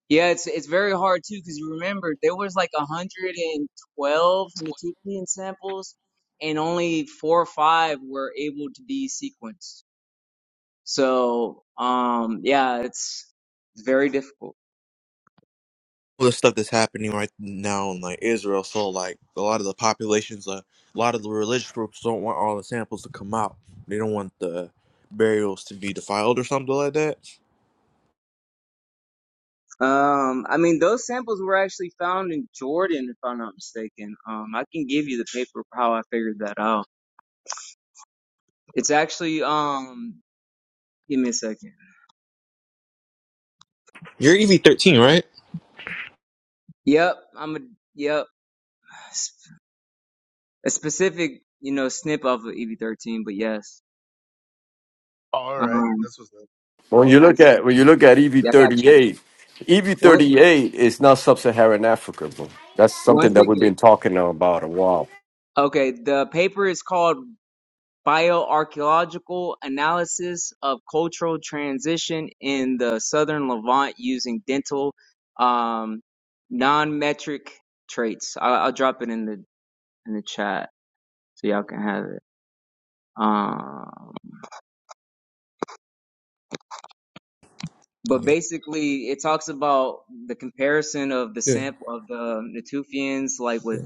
Yeah, it's it's very hard too because you remember there was like 112 Matupian samples, and only four or five were able to be sequenced. So, um, yeah, it's it's very difficult. all the stuff that's happening right now in like Israel. So like a lot of the populations, uh, a lot of the religious groups don't want all the samples to come out. They don't want the burials to be defiled or something like that. Um, I mean, those samples were actually found in Jordan, if I'm not mistaken. Um, I can give you the paper for how I figured that out. It's actually, um, give me a second. You're EV thirteen, right? Yep, I'm a yep, a specific, you know, snip of EV13, but yes. All right, Um, that's what's up. When give you me. a look sec. at when you look at EV Yeah, I got thirty you. eight, EV One, thirty eight is not sub-Saharan Africa, bro. That's one something that we've second. been talking about a while. Okay, the paper is called "Bioarchaeological Analysis of Cultural Transition in the Southern Levant Using Dental um, Non-Metric Traits." I, I'll drop it in the in the chat so y'all can have it. Um, but Yeah, basically, it talks about the comparison of the yeah, sample of the Natufians, like with yeah,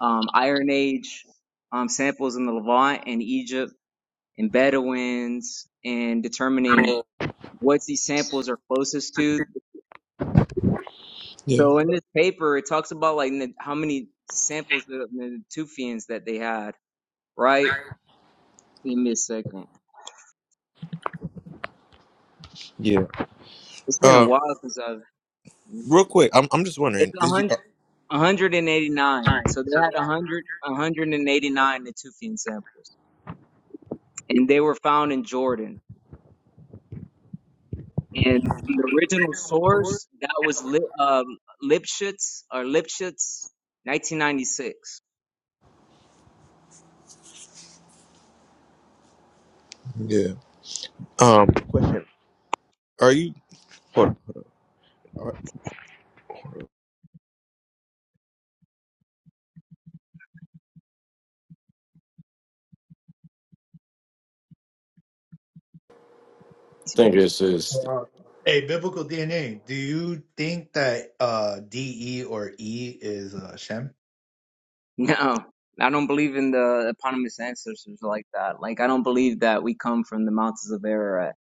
um, Iron Age um, samples in the Levant and Egypt and Bedouins and determining what these samples are closest to. yeah. So in this paper, it talks about like n- how many samples the, the Tufians that they had, right? Give me a second. yeah. It's been a Uh, while since I've. real quick, I'm I'm just wondering, It's a is you, uh, hundred. 189. So they had 100, 189 Natufian samples, and they were found in Jordan. And from the original source, that was li- um, Lipschitz or Lipschitz, 1996. yeah, um, are you? Hold on. I think it's is Wow. Hey, biblical DNA. Do you think that uh D E or E is uh Shem? No, I don't believe in the eponymous ancestors like that. Like, I don't believe that we come from the mountains of Ararat.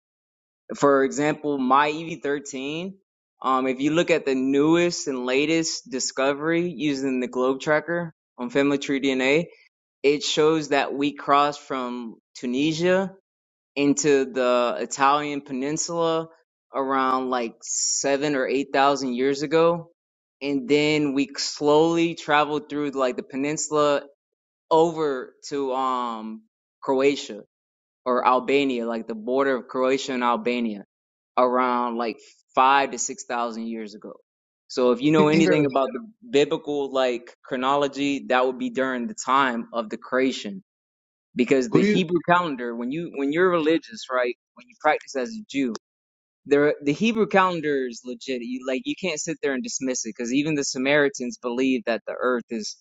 For example, my EV13, um, if you look at the newest and latest discovery using the globe tracker on family tree DNA, it shows that we crossed from Tunisia into the Italian peninsula around like seven or eight thousand years ago. And then we slowly traveled through like the peninsula over to um Croatia or Albania, like the border of Croatia and Albania around like five to six thousand years ago. So if you Who do know you think of anything about the biblical like chronology, that would be during the time of the creation because Who the do you? Hebrew calendar, when you when you're religious, right, when you practice as a Jew, there the Hebrew calendar is legit. You like you can't sit there and dismiss it because even the Samaritans believe that the Earth is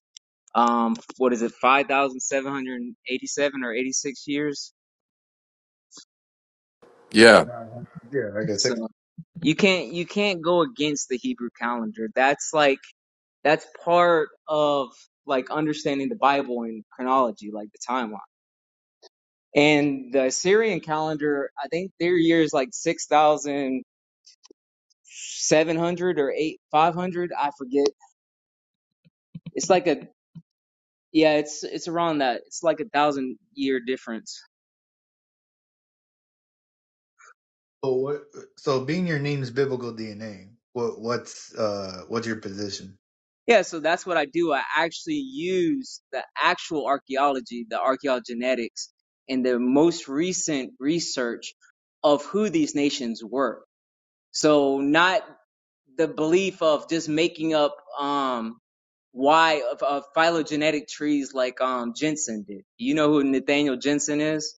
um what is it five thousand seven hundred eighty seven or eighty six years. yeah, Nah, yeah, I guess. So you can't you can't go against the Hebrew calendar. That's like that's part of like understanding the Bible and chronology, like the timeline. And the Assyrian calendar, I think their year is like 6,000. seven hundred or eight five hundred. I forget. It's like a yeah, it's it's around that. It's like a thousand year difference. So what? So being your name's biblical DNA. What? What's? Uh, what's your position? Yeah, so that's what I do. I actually use the actual archaeology, the archaeogenetics, and the most recent research of who these nations were. So not the belief of just making up um why of, of phylogenetic trees like um Jensen did. You know who Nathaniel Jensen is?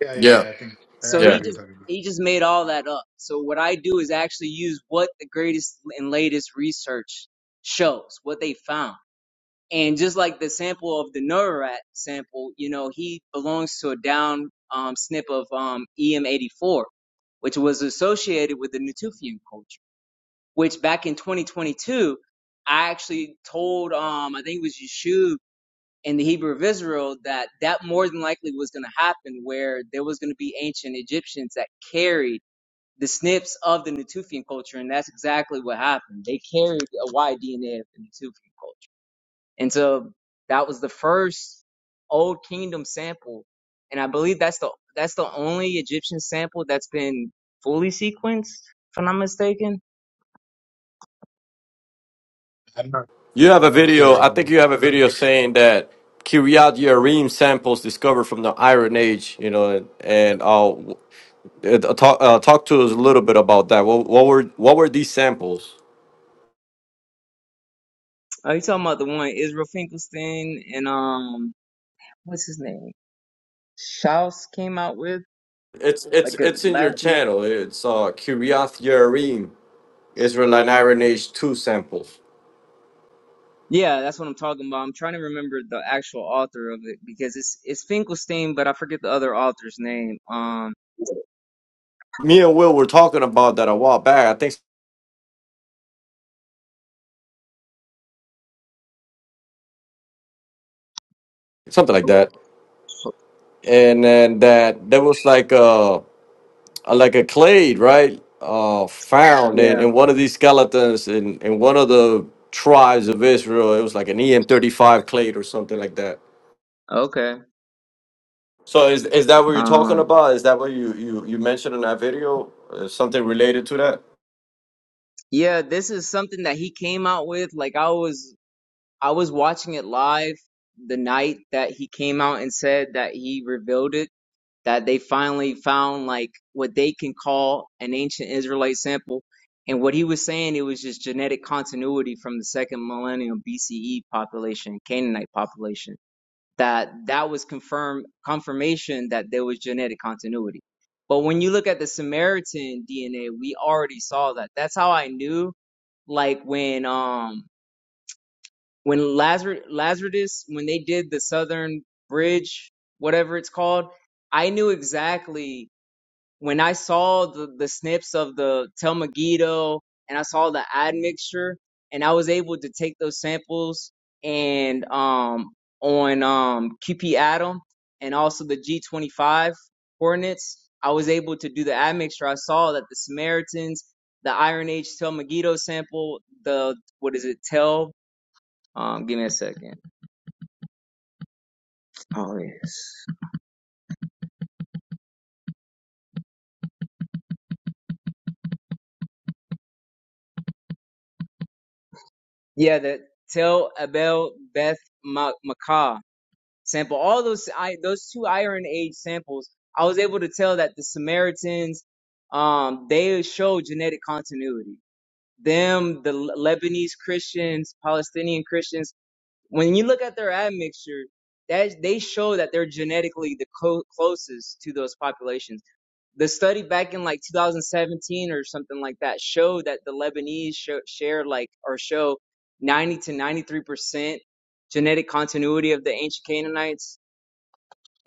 Yeah, yeah, yeah. I think I So yeah. know he what you're just talking about. he just made all that up. So what I do is actually use what the greatest and latest research shows, what they found. And just like the sample of the Neurorat sample, you know, he belongs to a down um, snip of um, EM84, which was associated with the Natufian culture. Which back in 2022, I actually told um I think it was Yeshub in the Hebrew of Israel that that more than likely was going to happen, where there was going to be ancient Egyptians that carried the snips of the Natufian culture, and that's exactly what happened. They carried a Y DNA of the Natufian culture, and so that was the first Old Kingdom sample, and I believe that's the that's the only Egyptian sample that's been fully sequenced, if I'm not mistaken. I'm not. You have I'm a not video. sure I think anymore. you have a video saying that Kiryat Yerim samples discovered from the Iron Age. You know, and, and I'll uh, talk uh, talk to us a little bit about that. What, what were what were these samples? Oh, you talking about the one Israel Finkelstein and um what's his name? Schaus came out with It's it's like a, it's in your last year. channel. It's uh, Kiryat Yerim Israelite Iron Age two samples. Yeah, that's what I'm talking about. I'm trying to remember the actual author of it because it's it's Finkelstein, but I forget the other author's name. Um Me and Will were talking about that a while back. I think something like that. And then that there was like a. uh, like a clade, right? Uh, found in, yeah, in one of these skeletons in, in one of the tribes of Israel. It was like an EM35 clade or something like that. okay. So is is that what you're talking Um about? Is that what you you, you mentioned in that video? Uh, something related to that? yeah, this is something that he came out with. Like I was I was watching it live the night that he came out and said that he revealed it that they finally found like what they can call an ancient Israelite sample. And what he was saying, it was just genetic continuity from the second millennium BCE population, Canaanite population, that that was confirmed confirmation that there was genetic continuity. But when you look at the Samaritan DNA, we already saw that. That's how I knew, like when um when Lazarus Lazarus when they did the Southern Bridge, whatever it's called, I knew exactly when I saw the, the snips of the Telmagito and I saw the admixture and I was able to take those samples and um on um QP Atom and also the G25 coordinates, I was able to do the admixture. I saw that the Samaritans, the Iron Age Telmagito sample, the what is it, Tel? Um, give me a second. Oh yes. Yeah, the Tel Abel Beth Ma- sample. All those I, those two Iron Age samples, I was able to tell that the Samaritans, um, they show genetic continuity. Them, the Lebanese Christians, Palestinian Christians, when you look at their admixture, that they show that they're genetically the co- closest to those populations. The study back in like 2017 or something like that showed that the Lebanese show, share like or show 90 to 93 percent genetic continuity of the ancient Canaanites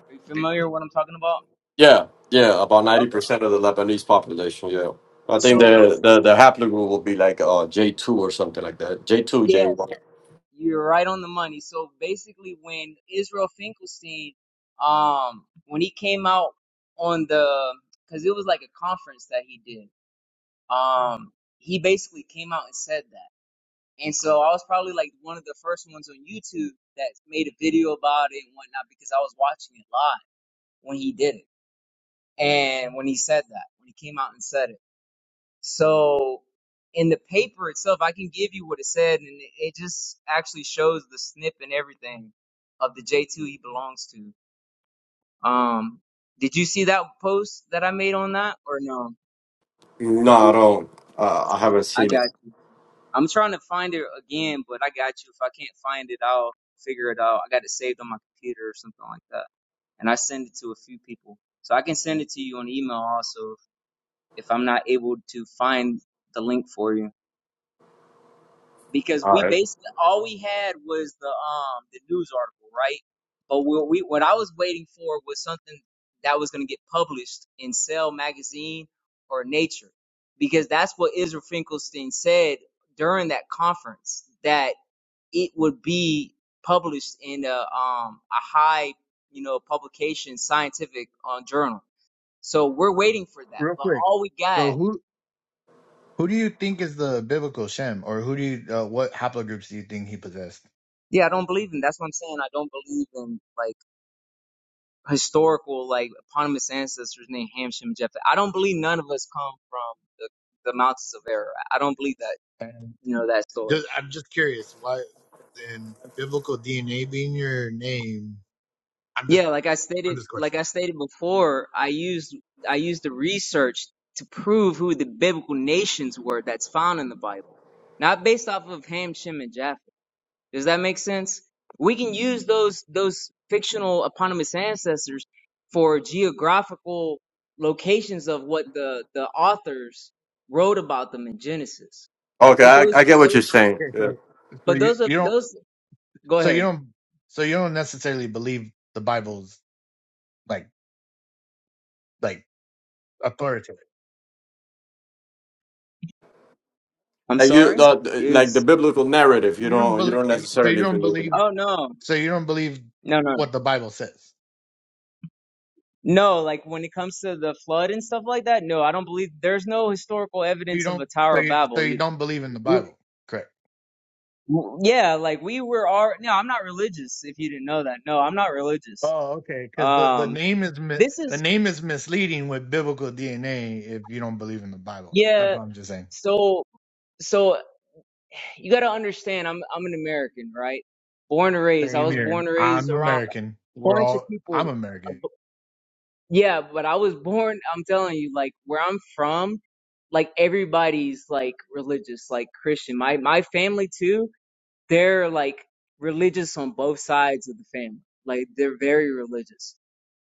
are you familiar with what I'm talking about? Yeah, yeah. About ninety Okay. percent of the Lebanese population. Yeah, I think So the basically, the the haplogroup will be like uh J two or something like that. J two, J yes, one. you're right on the money. So basically, when Israel Finkelstein, um, when he came out on the, because it was like a conference that he did, um, he basically came out and said that. And so I was probably like one of the first ones on YouTube that made a video about it and whatnot because I was watching it live when he did it and when he said that, when he came out and said it. So in the paper itself, I can give you what it said, and it it just actually shows the snip and everything of the J2 he belongs to. Um, did you see that post that I made on that or no? No, I don't. Uh, I haven't I seen it. got you. I'm trying to find it again, but I got you. If I can't find it, I'll figure it out. I got it saved on my computer or something like that, and I send it to a few people, so I can send it to you on email also if I'm not able to find the link for you. because All we right. basically all we had was the um the news article, right? But what we what I was waiting for was something that was going to get published in Cell magazine or Nature, because that's what Israel Finkelstein said during that conference that it would be published in a um a high you know publication scientific uh, journal. So we're waiting for that, Real but quick. all we got. So who? Who do you think is the biblical Shem, or who do you? Uh, what haplogroups do you think he possessed? Yeah, I don't believe in. That's what I'm saying. I don't believe in like. historical like eponymous ancestors named Hamsham and Japheth. I don't believe none of us come from the, the mountains of error. I don't believe that And you know that story. just, I'm just curious why. Then biblical DNA being your name. I'm just. Yeah, like I I'm stated, just like questioning. I stated before, I used I used the research to prove who the biblical nations were that's found in the Bible, not based off of Ham, Shem, and Japheth. Does that make sense? We can use those those fictional eponymous ancestors for geographical locations of what the the authors wrote about them in Genesis. Okay, But I, I those get what you're those saying. Okay, so so but you those of you don't those go so you ahead. don't so you don't necessarily believe the Bible's like like authoritative. I'm Like you, sorry. the, It like the was, biblical narrative, you You don't don't you believe. don't So you necessarily don't believe in it. believe. oh no. So you don't believe No, no. what the Bible says. No, like when it comes to the flood and stuff like that, no, I don't believe there's no historical You evidence of don't. a So Tower of you. So Babel you either. don't believe in the You- Bible. Correct. Yeah, like we were all, no, I'm not religious if you didn't know that. No, I'm not religious. Oh, okay. Because the the Um, name is mi- this the is name is misleading with biblical DNA. If you don't believe in the Bible, that's yeah. what I'm just saying. So so you got to understand. I'm I'm an American, right? Born and raised. I Same was here. born and raised I'm around American. a We're bunch of all. I'm people. a American. bu- Yeah, but I was born. I'm telling you, like where I'm from, like everybody's like religious, like Christian. My my family too. They're like religious on both sides of the family. Like they're very religious.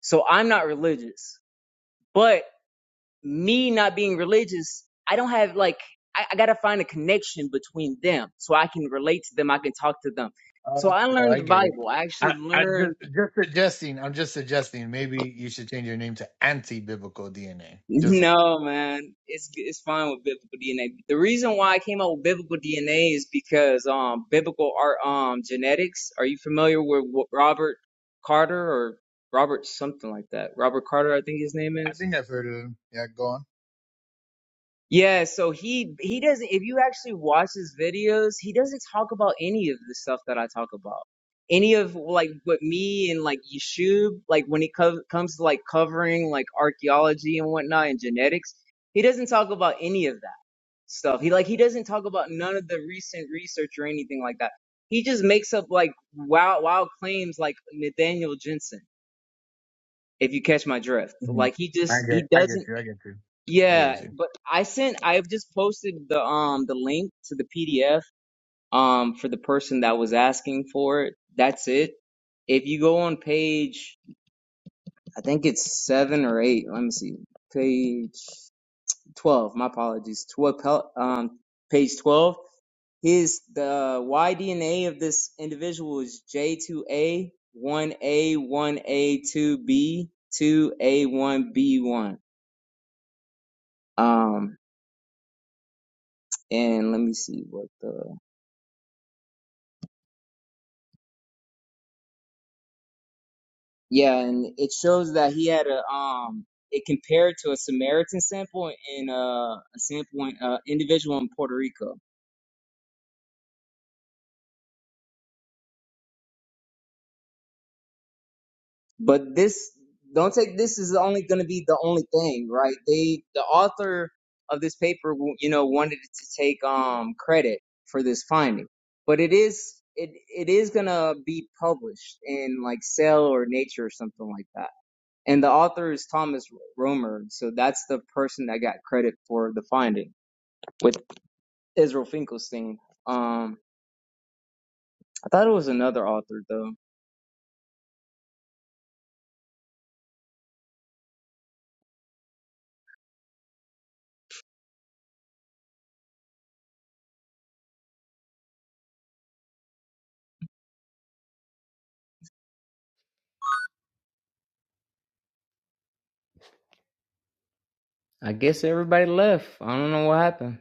So I'm not religious, but me not being religious, I don't have like I, I gotta find a connection between them so I can relate to them, I can talk to them. So Oh, I learned I the get it. Bible. I I, actually I just learned just suggesting. I'm just suggesting. Maybe you should change your name to anti-biblical DNA. Just saying. no man, it's it's fine with biblical DNA. The reason why I came up with biblical DNA is because um biblical art um genetics. Are you familiar with Robert Carter or Robert something like that? Robert Carter, I think his name I is. think I've heard of them. Yeah, go on. Yeah, so he he doesn't if you actually watch his videos, he doesn't talk about any of the stuff that I talk about. Any of like what me and like Yeshub, like when it co- comes to like covering like archaeology and whatnot and genetics, he doesn't talk about any of that stuff. He like he doesn't talk about none of the recent research or anything like that. He just makes up like wild wild claims like Nathaniel Jensen, if you catch my drift. Mhm. Like he I just get, he I get doesn't you, I get you, I yeah, get you. but I sent I've just posted the um the link to the PDF um for the person that was asking for it. That's it. If you go on page I think it's 7 or 8. Let me see. Page 12. My apologies. 12 pel- um page 12 his the YDNA of this individual is J2A 1A 1A 2B 2A 1B1. Um and let me see what the Yeah, and it shows that he had a um it compared to a Samaritan sample and uh, a sample in uh, individual in Puerto Rico. But this don't take this is only going to be the only thing, right? They the author of this paper, w- you know, wanted to take um credit for this finding, but it is it it is going to be published in like Cell or Nature or something like that. And the author is Thomas Romer, so that's the person that got credit for the finding Israel Finkelstein. Um, I thought it was another author though. I guess everybody left. I don't know what happened.